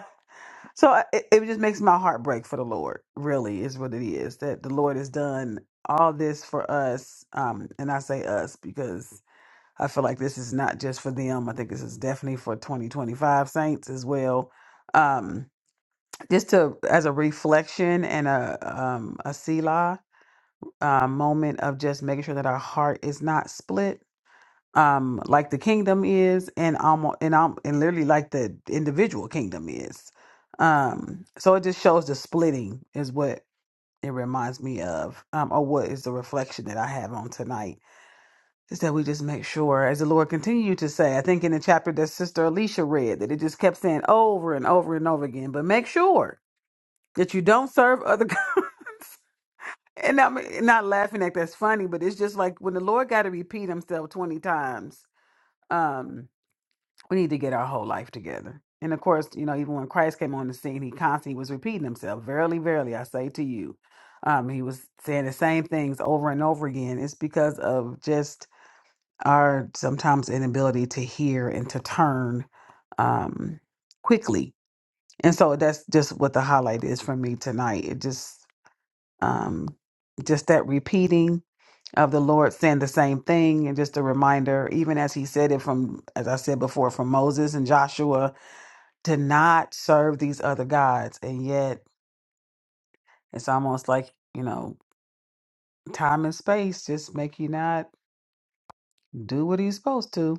S1: So I- it, it just makes my heart break for the Lord, really, is what it is that the Lord has done all this for us. Um, and I say us because I feel like this is not just for them. I think this is definitely for 2025 saints as well. Um, just to as a reflection and a um a Selah uh, moment of just making sure that our heart is not split um like the kingdom is and almost and um and literally like the individual kingdom is um so it just shows the splitting is what it reminds me of um or what is the reflection that i have on tonight is that we just make sure as the lord continued to say i think in the chapter that sister alicia read that it just kept saying over and over and over again but make sure that you don't serve other gods and i'm not laughing at that's funny but it's just like when the lord got to repeat himself 20 times um we need to get our whole life together. And of course, you know, even when Christ came on the scene, he constantly was repeating himself, Verily, verily, I say to you. Um, he was saying the same things over and over again. It's because of just our sometimes inability to hear and to turn um, quickly. And so that's just what the highlight is for me tonight. It just, um, just that repeating of the Lord saying the same thing, and just a reminder, even as He said it from, as I said before, from Moses and Joshua, to not serve these other gods and yet it's almost like you know time and space just make you not do what he's supposed to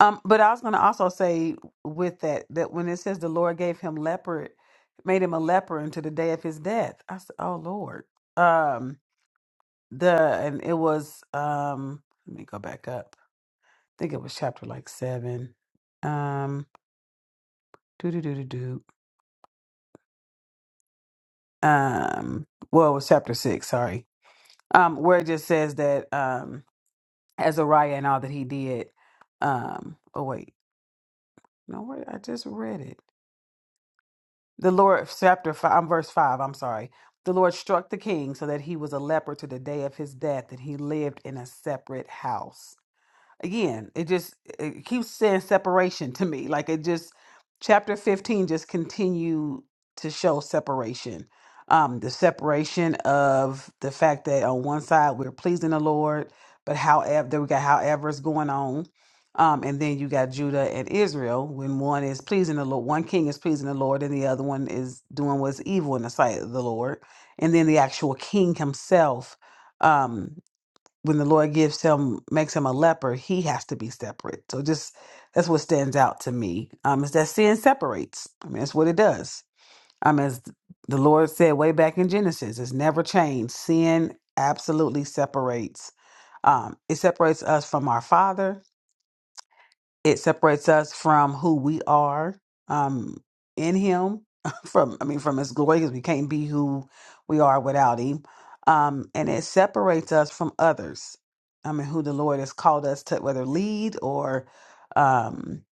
S1: um but i was going to also say with that that when it says the lord gave him leopard made him a leper until the day of his death i said oh lord um the and it was um let me go back up i think it was chapter like seven um do do do do do um well it was chapter six sorry um, where it just says that um, Azariah and all that he did. Um, oh wait, no, where I just read it. The Lord, chapter five, um, verse five. I'm sorry. The Lord struck the king so that he was a leper to the day of his death, and he lived in a separate house. again it just it keeps saying separation to me like it just chapter 15 just continue to show separation um the separation of the fact that on one side we're pleasing the lord but however we got however is going on um and then you got judah and israel when one is pleasing the lord one king is pleasing the lord and the other one is doing what's evil in the sight of the lord and then the actual king himself um, when the Lord gives him makes him a leper, he has to be separate. So just that's what stands out to me. Um, is that sin separates. I mean, that's what it does. Um, as the Lord said way back in Genesis, it's never changed. Sin absolutely separates. Um, it separates us from our Father it separates us from who we are um in him from i mean from his glory because we can't be who we are without him um and it separates us from others i mean who the lord has called us to whether lead or um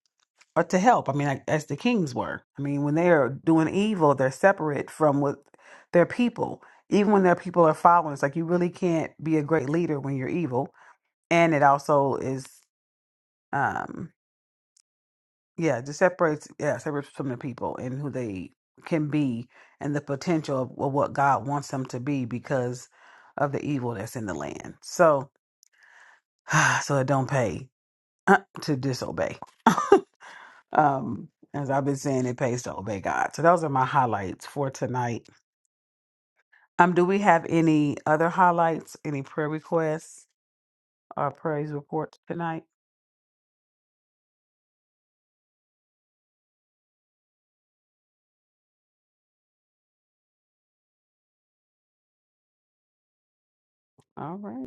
S1: or to help i mean like, as the kings were i mean when they are doing evil they're separate from what their people even when their people are following it's like you really can't be a great leader when you're evil and it also is Um, yeah, just separates yeah, separates from the people and who they can be and the potential of, of what God wants them to be because of the evil that's in the land. So so it don't pay uh, to disobey. um as I've been saying it pays to obey God. So those are my highlights for tonight. Um do we have any other highlights, any prayer requests or praise reports tonight? All right.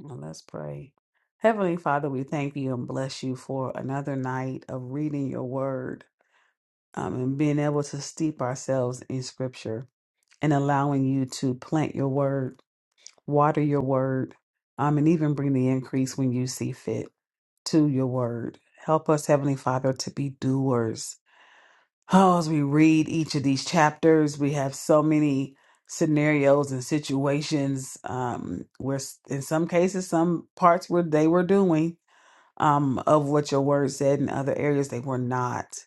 S1: Now let's pray. Heavenly Father, we thank you and bless you for another night of reading your word um, and being able to steep ourselves in scripture and allowing you to plant your word, water your word, um, and even bring the increase when you see fit to your word. Help us, Heavenly Father, to be doers. Oh, as we read each of these chapters, we have so many scenarios and situations um, where, s- in some cases, some parts where they were doing um, of what your word said in other areas they were not.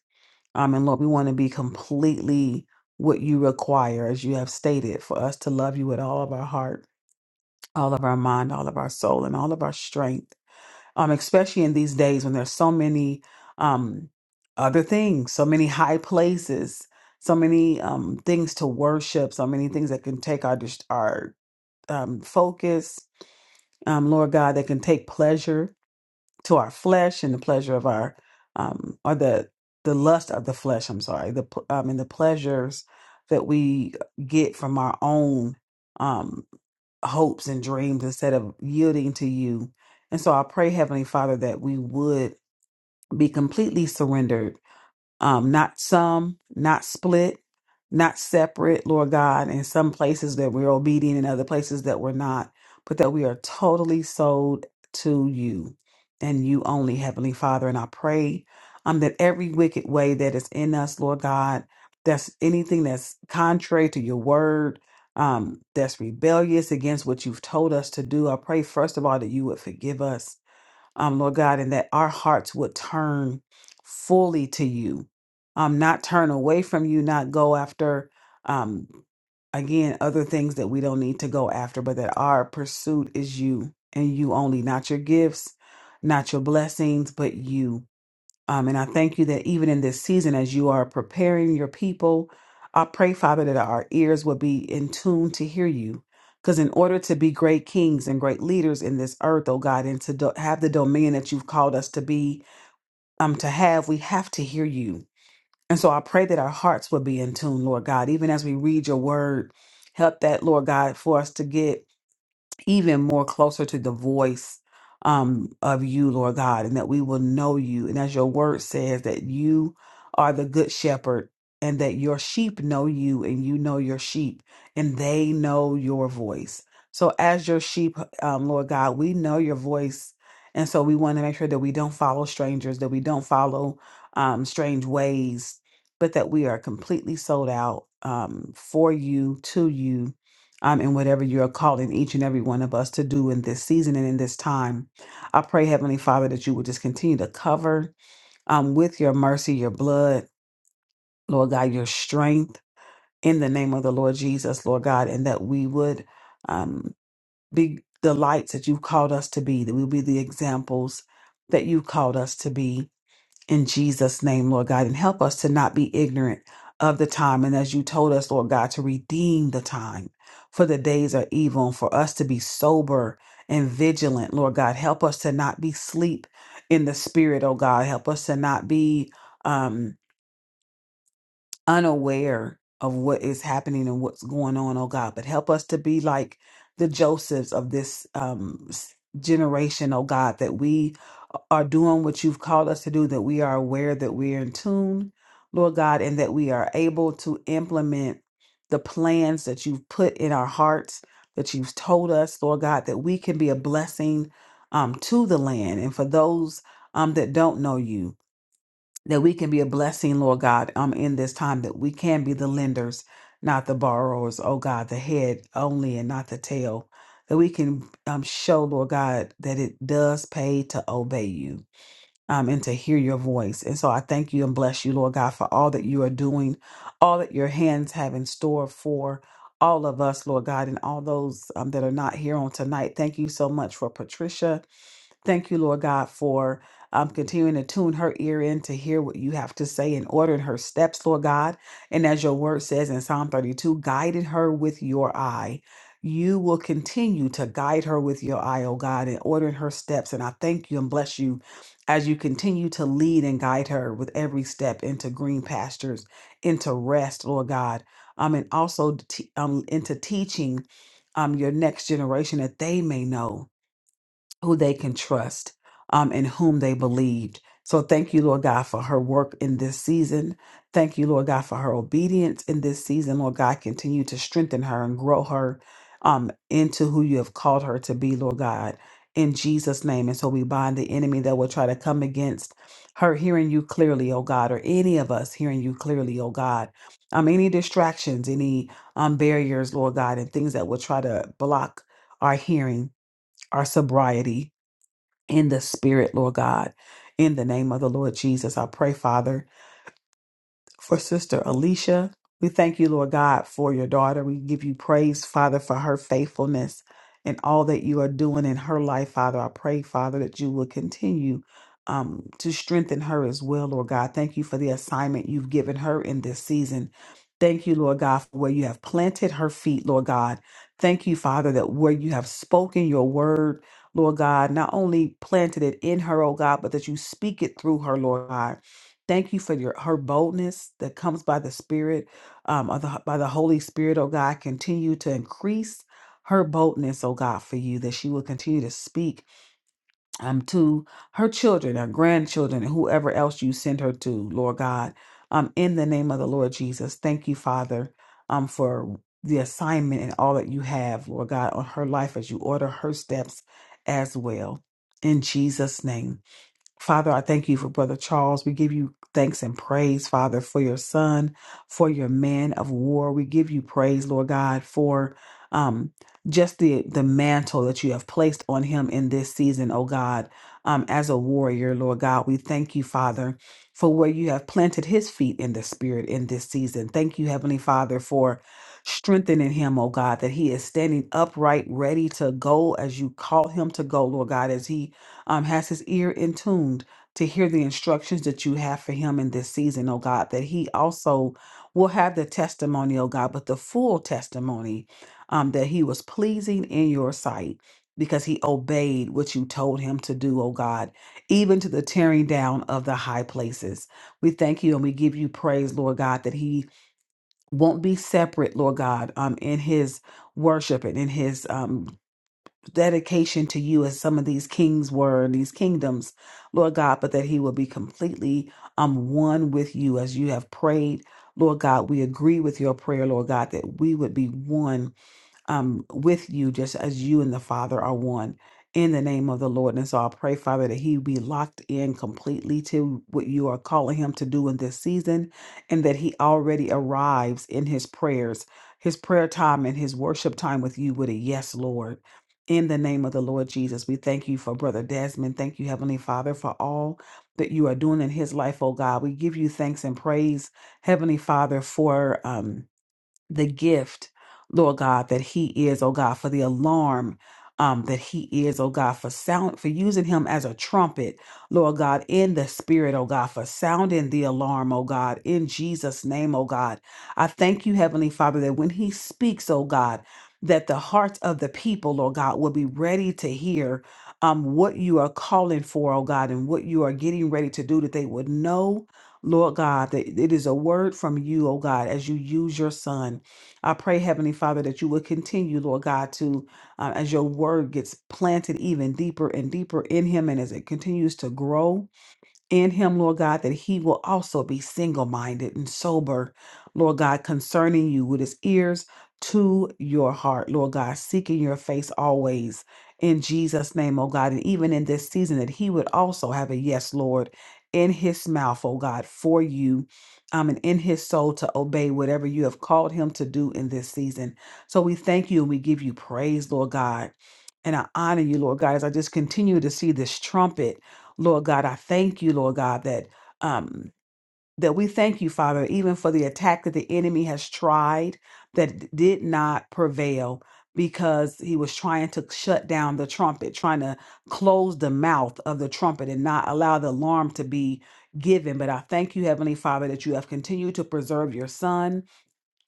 S1: Um, and Lord, we want to be completely what you require, as you have stated, for us to love you with all of our heart, all of our mind, all of our soul, and all of our strength. Um, especially in these days when there's so many um, other things, so many high places, so many um, things to worship, so many things that can take our dist- our um, focus. Um, Lord God, that can take pleasure to our flesh and the pleasure of our um or the the lust of the flesh i'm sorry the pl- um and the pleasures that we get from our own um hopes and dreams instead of yielding to you and so i pray heavenly father that we would be completely surrendered um, not some, not split, not separate, Lord God, in some places that we're obedient and other places that we're not, but that we are totally sold to you and you only, Heavenly Father. And I pray um, that every wicked way that is in us, Lord God, that's anything that's contrary to your word, um, that's rebellious against what you've told us to do. I pray, first of all, that you would forgive us um, Lord God, and that our hearts would turn fully to you, um, not turn away from you, not go after, um, again, other things that we don't need to go after, but that our pursuit is you and you only, not your gifts, not your blessings, but you. Um, and I thank you that even in this season, as you are preparing your people, I pray, Father, that our ears will be in tune to hear you. Because in order to be great kings and great leaders in this earth, oh God, and to do- have the dominion that you've called us to be, um, to have, we have to hear you. And so I pray that our hearts will be in tune, Lord God, even as we read your word. Help that, Lord God, for us to get even more closer to the voice um, of you, Lord God, and that we will know you. And as your word says, that you are the good shepherd and that your sheep know you and you know your sheep and they know your voice. So, as your sheep, um, Lord God, we know your voice. And so, we want to make sure that we don't follow strangers, that we don't follow um, strange ways, but that we are completely sold out um, for you, to you um, and whatever you're calling each and every one of us to do in this season and in this time. I pray, Heavenly Father, that you will just continue to cover um, with your mercy, your blood, Lord God, your strength in the name of the Lord Jesus, Lord God, and that we would um, be the lights that you've called us to be, that we will be the examples that you've called us to be in Jesus' name, Lord God, and help us to not be ignorant of the time. And as you told us, Lord God, to redeem the time, for the days are evil, and for us to be sober and vigilant, Lord God. Help us to not be sleep in the spirit, oh God. Help us to not be. Um, unaware of what is happening and what's going on, oh God. But help us to be like the Josephs of this um, s- generation, oh God, that we are doing what you've called us to do, that we are aware that we're in tune, Lord God, and that we are able to implement the plans that you've put in our hearts, that you've told us, Lord God, that we can be a blessing um, to the land and for those um, that don't know you that we can be a blessing, Lord God, um, in this time, that we can be the lenders, not the borrowers, oh God, the head only and not the tail, that we can um, show, Lord God, that it does pay to obey you. Um, and to hear your voice. And so I thank you and bless you, Lord God, for all that you are doing, all that your hands have in store for all of us, Lord God, and all those um, that are not here on tonight. Thank you so much for Patricia. Thank you, Lord God, for um, continuing to tune her ear in to hear what you have to say and ordering her steps, Lord God. And as your word says in Psalm 32, guided her with your eye. You will continue to guide her with your eye, oh God, and ordering her steps. And I thank you and bless you as you continue to lead and guide her with every step into green pastures, into rest, Lord God, um, and also t- um, into teaching um, your next generation that they may know who they can trust um, and whom they believed. So thank you, Lord God, for her work in this season. Thank you, Lord God, for her obedience in this season. Lord God, continue to strengthen her and grow her um, into who you have called her to be, Lord God, in Jesus' name. And so we bind the enemy that will try to come against her hearing you clearly, oh God, or any of us hearing you clearly, oh God. Um, any distractions, any um, barriers, Lord God, and things that will try to block our hearing, our sobriety, in the spirit, Lord God. In the name of the Lord Jesus, I pray, Father, for Sister Alicia. We thank you, Lord God, for your daughter. We give you praise, Father, for her faithfulness and all that you are doing in her life, Father. I pray, Father, that you will continue um, to strengthen her as well, Lord God. Thank you for the assignment you've given her in this season. Thank you, Lord God, for where you have planted her feet, Lord God. Thank you, Father, that where you have spoken your word, Lord God, not only planted it in her, oh God, but that you speak it through her, Lord God. Thank you for your her boldness that comes by the Spirit, um, of the, by the Holy Spirit, oh God. Continue to increase her boldness, oh God, for you, that she will continue to speak um, to her children, her grandchildren, and whoever else you send her to, Lord God. Um, in the name of the Lord Jesus, thank you, Father, um, for the assignment and all that you have, Lord God, on her life as you order her steps as well. In Jesus' name. Father, I thank you for Brother Charles. We give you thanks and praise, Father, for your son, for your man of war. We give you praise, Lord God, for um, just the, the mantle that you have placed on him in this season, oh God, um, as a warrior, Lord God. We thank you, Father, for where you have planted his feet in the spirit in this season. Thank you, Heavenly Father, for strengthening him, oh God, that he is standing upright, ready to go as you call him to go, Lord God, as he um, has his ear in tuned to hear the instructions that you have for him in this season, oh God, that he also will have the testimony, oh God, but the full testimony um, that he was pleasing in your sight because he obeyed what you told him to do, oh God, even to the tearing down of the high places. We thank you and we give you praise, Lord God, that he won't be separate, Lord God, um, in his worship and in his um, dedication to you as some of these kings were and these kingdoms, Lord God, but that he will be completely um one with you as you have prayed. Lord God, we agree with your prayer, Lord God, that we would be one um, with you, just as you and the Father are one in the name of the Lord. And so I pray, Father, that he be locked in completely to what you are calling him to do in this season and that he already arrives in his prayers, his prayer time and his worship time with you with a yes, Lord. In the name of the Lord Jesus, we thank you for Brother Desmond. Thank you, Heavenly Father, for all that you are doing in his life, oh God. We give you thanks and praise, Heavenly Father, for. Um, the gift, Lord God, that he is, oh God, for the alarm. Um, that he is, oh God, for sound for using him as a trumpet, Lord God, in the spirit, oh God, for sounding the alarm, oh God, in Jesus' name, oh God. I thank you, Heavenly Father, that when he speaks, oh God, that the hearts of the people, Lord God, will be ready to hear um what you are calling for, oh God, and what you are getting ready to do, that they would know Lord God, that it is a word from you, oh God, as you use your son. I pray, Heavenly Father, that you would continue, Lord God, to, uh, as your word gets planted even deeper and deeper in him and as it continues to grow in him, Lord God, that he will also be single minded and sober, Lord God, concerning you with his ears to your heart, Lord God, seeking your face always in Jesus' name, oh God. And even in this season, that he would also have a yes, Lord, in his mouth, oh God, for you. Um, and in his soul to obey whatever you have called him to do in this season. So we thank you and we give you praise, Lord God. And I honor you, Lord God, as I just continue to see this trumpet. Lord God, I thank you, Lord God, that um that we thank you, Father, even for the attack that the enemy has tried that did not prevail because he was trying to shut down the trumpet, trying to close the mouth of the trumpet and not allow the alarm to be given. But I thank you, Heavenly Father, that you have continued to preserve your son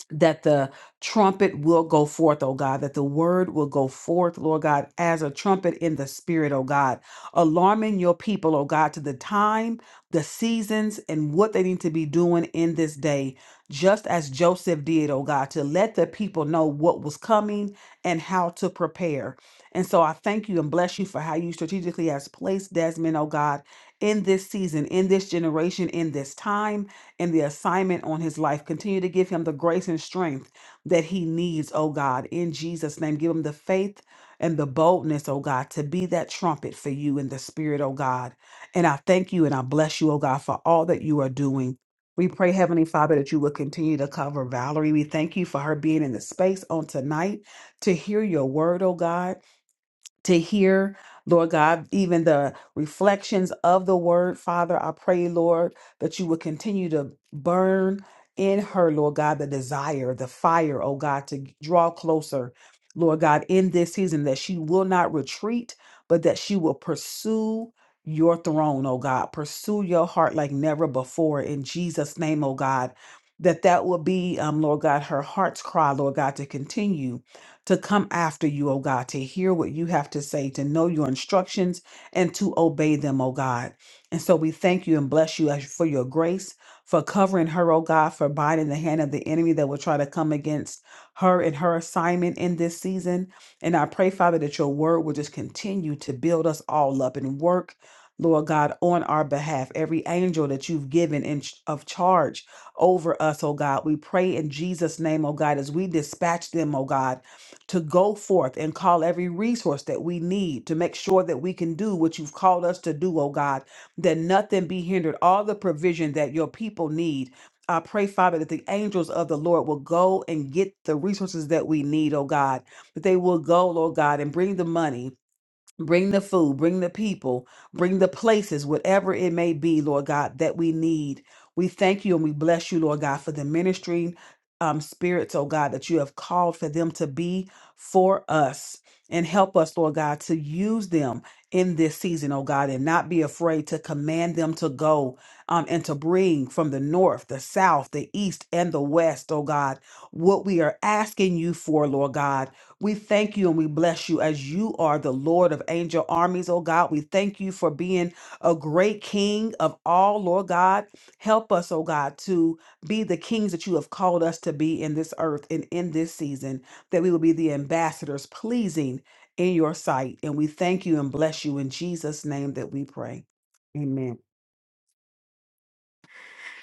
S1: that the trumpet will go forth, oh God, that the word will go forth, Lord God, as a trumpet in the spirit, oh God, alarming your people, oh God, to the time, the seasons, and what they need to be doing in this day, just as Joseph did, oh God, to let the people know what was coming and how to prepare. And so I thank you and bless you for how you strategically has placed Desmond, oh God, in this season, in this generation, in this time and the assignment on his life. Continue to give him the grace and strength that he needs, oh God. In Jesus' name, give him the faith and the boldness, oh God, to be that trumpet for you in the spirit, oh God. And I thank you and I bless you, oh God, for all that you are doing. We pray, Heavenly Father, that you will continue to cover Valerie. We thank you for her being in the space on tonight to hear your word, oh God to hear, Lord God, even the reflections of the word. Father, I pray, Lord, that you would continue to burn in her, Lord God, the desire, the fire, oh God, to draw closer, Lord God, in this season, that she will not retreat, but that she will pursue. Your throne, oh God, pursue your heart like never before in Jesus' name, oh God. That that will be, um, Lord God, her heart's cry, Lord God, to continue to come after you, oh God, to hear what you have to say, to know your instructions, and to obey them, oh God. And so we thank you and bless you as- for your grace, for covering her, oh God, for binding the hand of the enemy that will try to come against her and her assignment in this season. And I pray, Father, that your word will just continue to build us all up and work. Lord God, on our behalf, every angel that you've given in ch- of charge over us, oh God. We pray in Jesus' name, oh God, as we dispatch them, oh God to go forth and call every resource that we need to make sure that we can do what you've called us to do, oh God, that nothing be hindered, all the provision that your people need. I pray, Father, that the angels of the Lord will go and get the resources that we need, oh God, that they will go, Lord God, and bring the money Bring the food, bring the people, bring the places, whatever it may be, Lord God, that we need. We thank you and we bless you, Lord God, for the ministering um, spirits, oh God, that you have called for them to be for us. And help us, Lord God, to use them in this season, oh God, and not be afraid to command them to go um, and to bring from the north, the south, the east, and the west, oh God, what we are asking you for, Lord God we thank you and we bless you as you are the Lord of angel armies, oh God. We thank you for being a great king of all, Lord God. Help us, oh God, to be the kings that you have called us to be in this earth and in this season, that we will be the ambassadors pleasing in your sight. And we thank you and bless you in Jesus' name that we pray. Amen.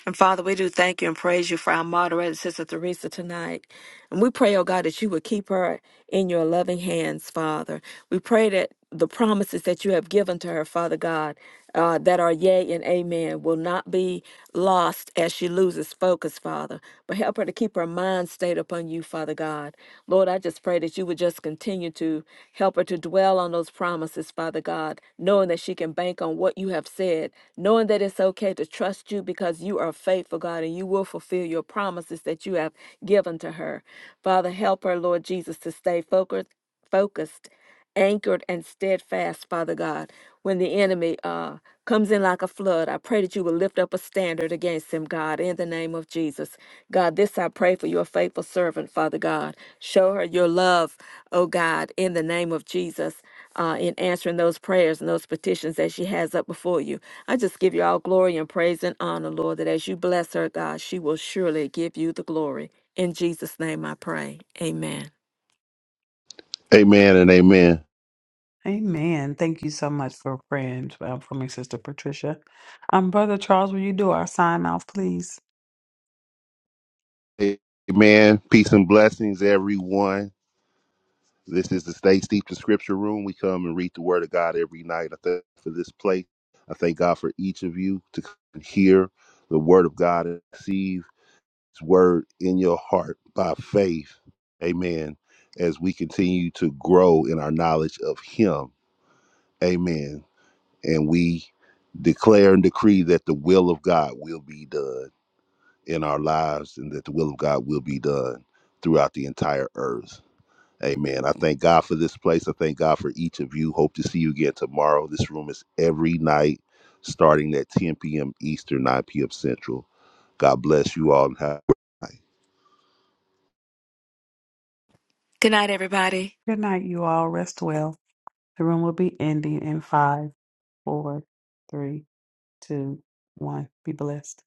S2: And Father, we do thank you and praise you for our moderator, Sister Theresa, tonight. And we pray, oh God, that you would keep her in your loving hands, Father. We pray that the promises that you have given to her, Father God, uh, that are yea and amen, will not be lost as she loses focus, Father. But help her to keep her mind stayed upon you, Father God. Lord, I just pray that you would just continue to help her to dwell on those promises, Father God, knowing that she can bank on what you have said, knowing that it's okay to trust you because you are faithful, God, and you will fulfill your promises that you have given unto her. Father, help her, Lord Jesus, to stay focused, focused, anchored, and steadfast, Father God. When the enemy uh, comes in like a flood, I pray that you will lift up a standard against him, God, in the name of Jesus. God, this I pray for your faithful servant, Father God. Show her your love, oh God, in the name of Jesus, uh, in answering those prayers and those petitions that she has up before you. I just give you all glory and praise and honor, Lord, that as you bless her, God, she will surely give you the glory. In Jesus' name I pray. Amen.
S4: Amen and amen.
S1: Amen. Thank you so much for praying uh, for me, Sister Patricia. Um, Brother Charles, will you do our sign off, please?
S4: Amen. Peace and blessings, everyone. This is the Stay Steeped in Scripture Room. We come and read the Word of God every night. I thank God for this place. I thank God for each of you to come and hear the Word of God and receive His Word in your heart by faith. Amen. As we continue to grow in our knowledge of Him. Amen. And we declare and decree that the will of God will be done in our lives and that the will of God will be done throughout the entire earth. Amen. I thank God for this place. I thank God for each of you. Hope to see you again tomorrow. This room is every night starting at 10 p.m. Eastern, 9 p.m. Central. God bless you all and have a great night.
S2: Good night, everybody.
S1: Good night, you all. Rest well. The room will be ending in five, four, three, two, one. Be blessed.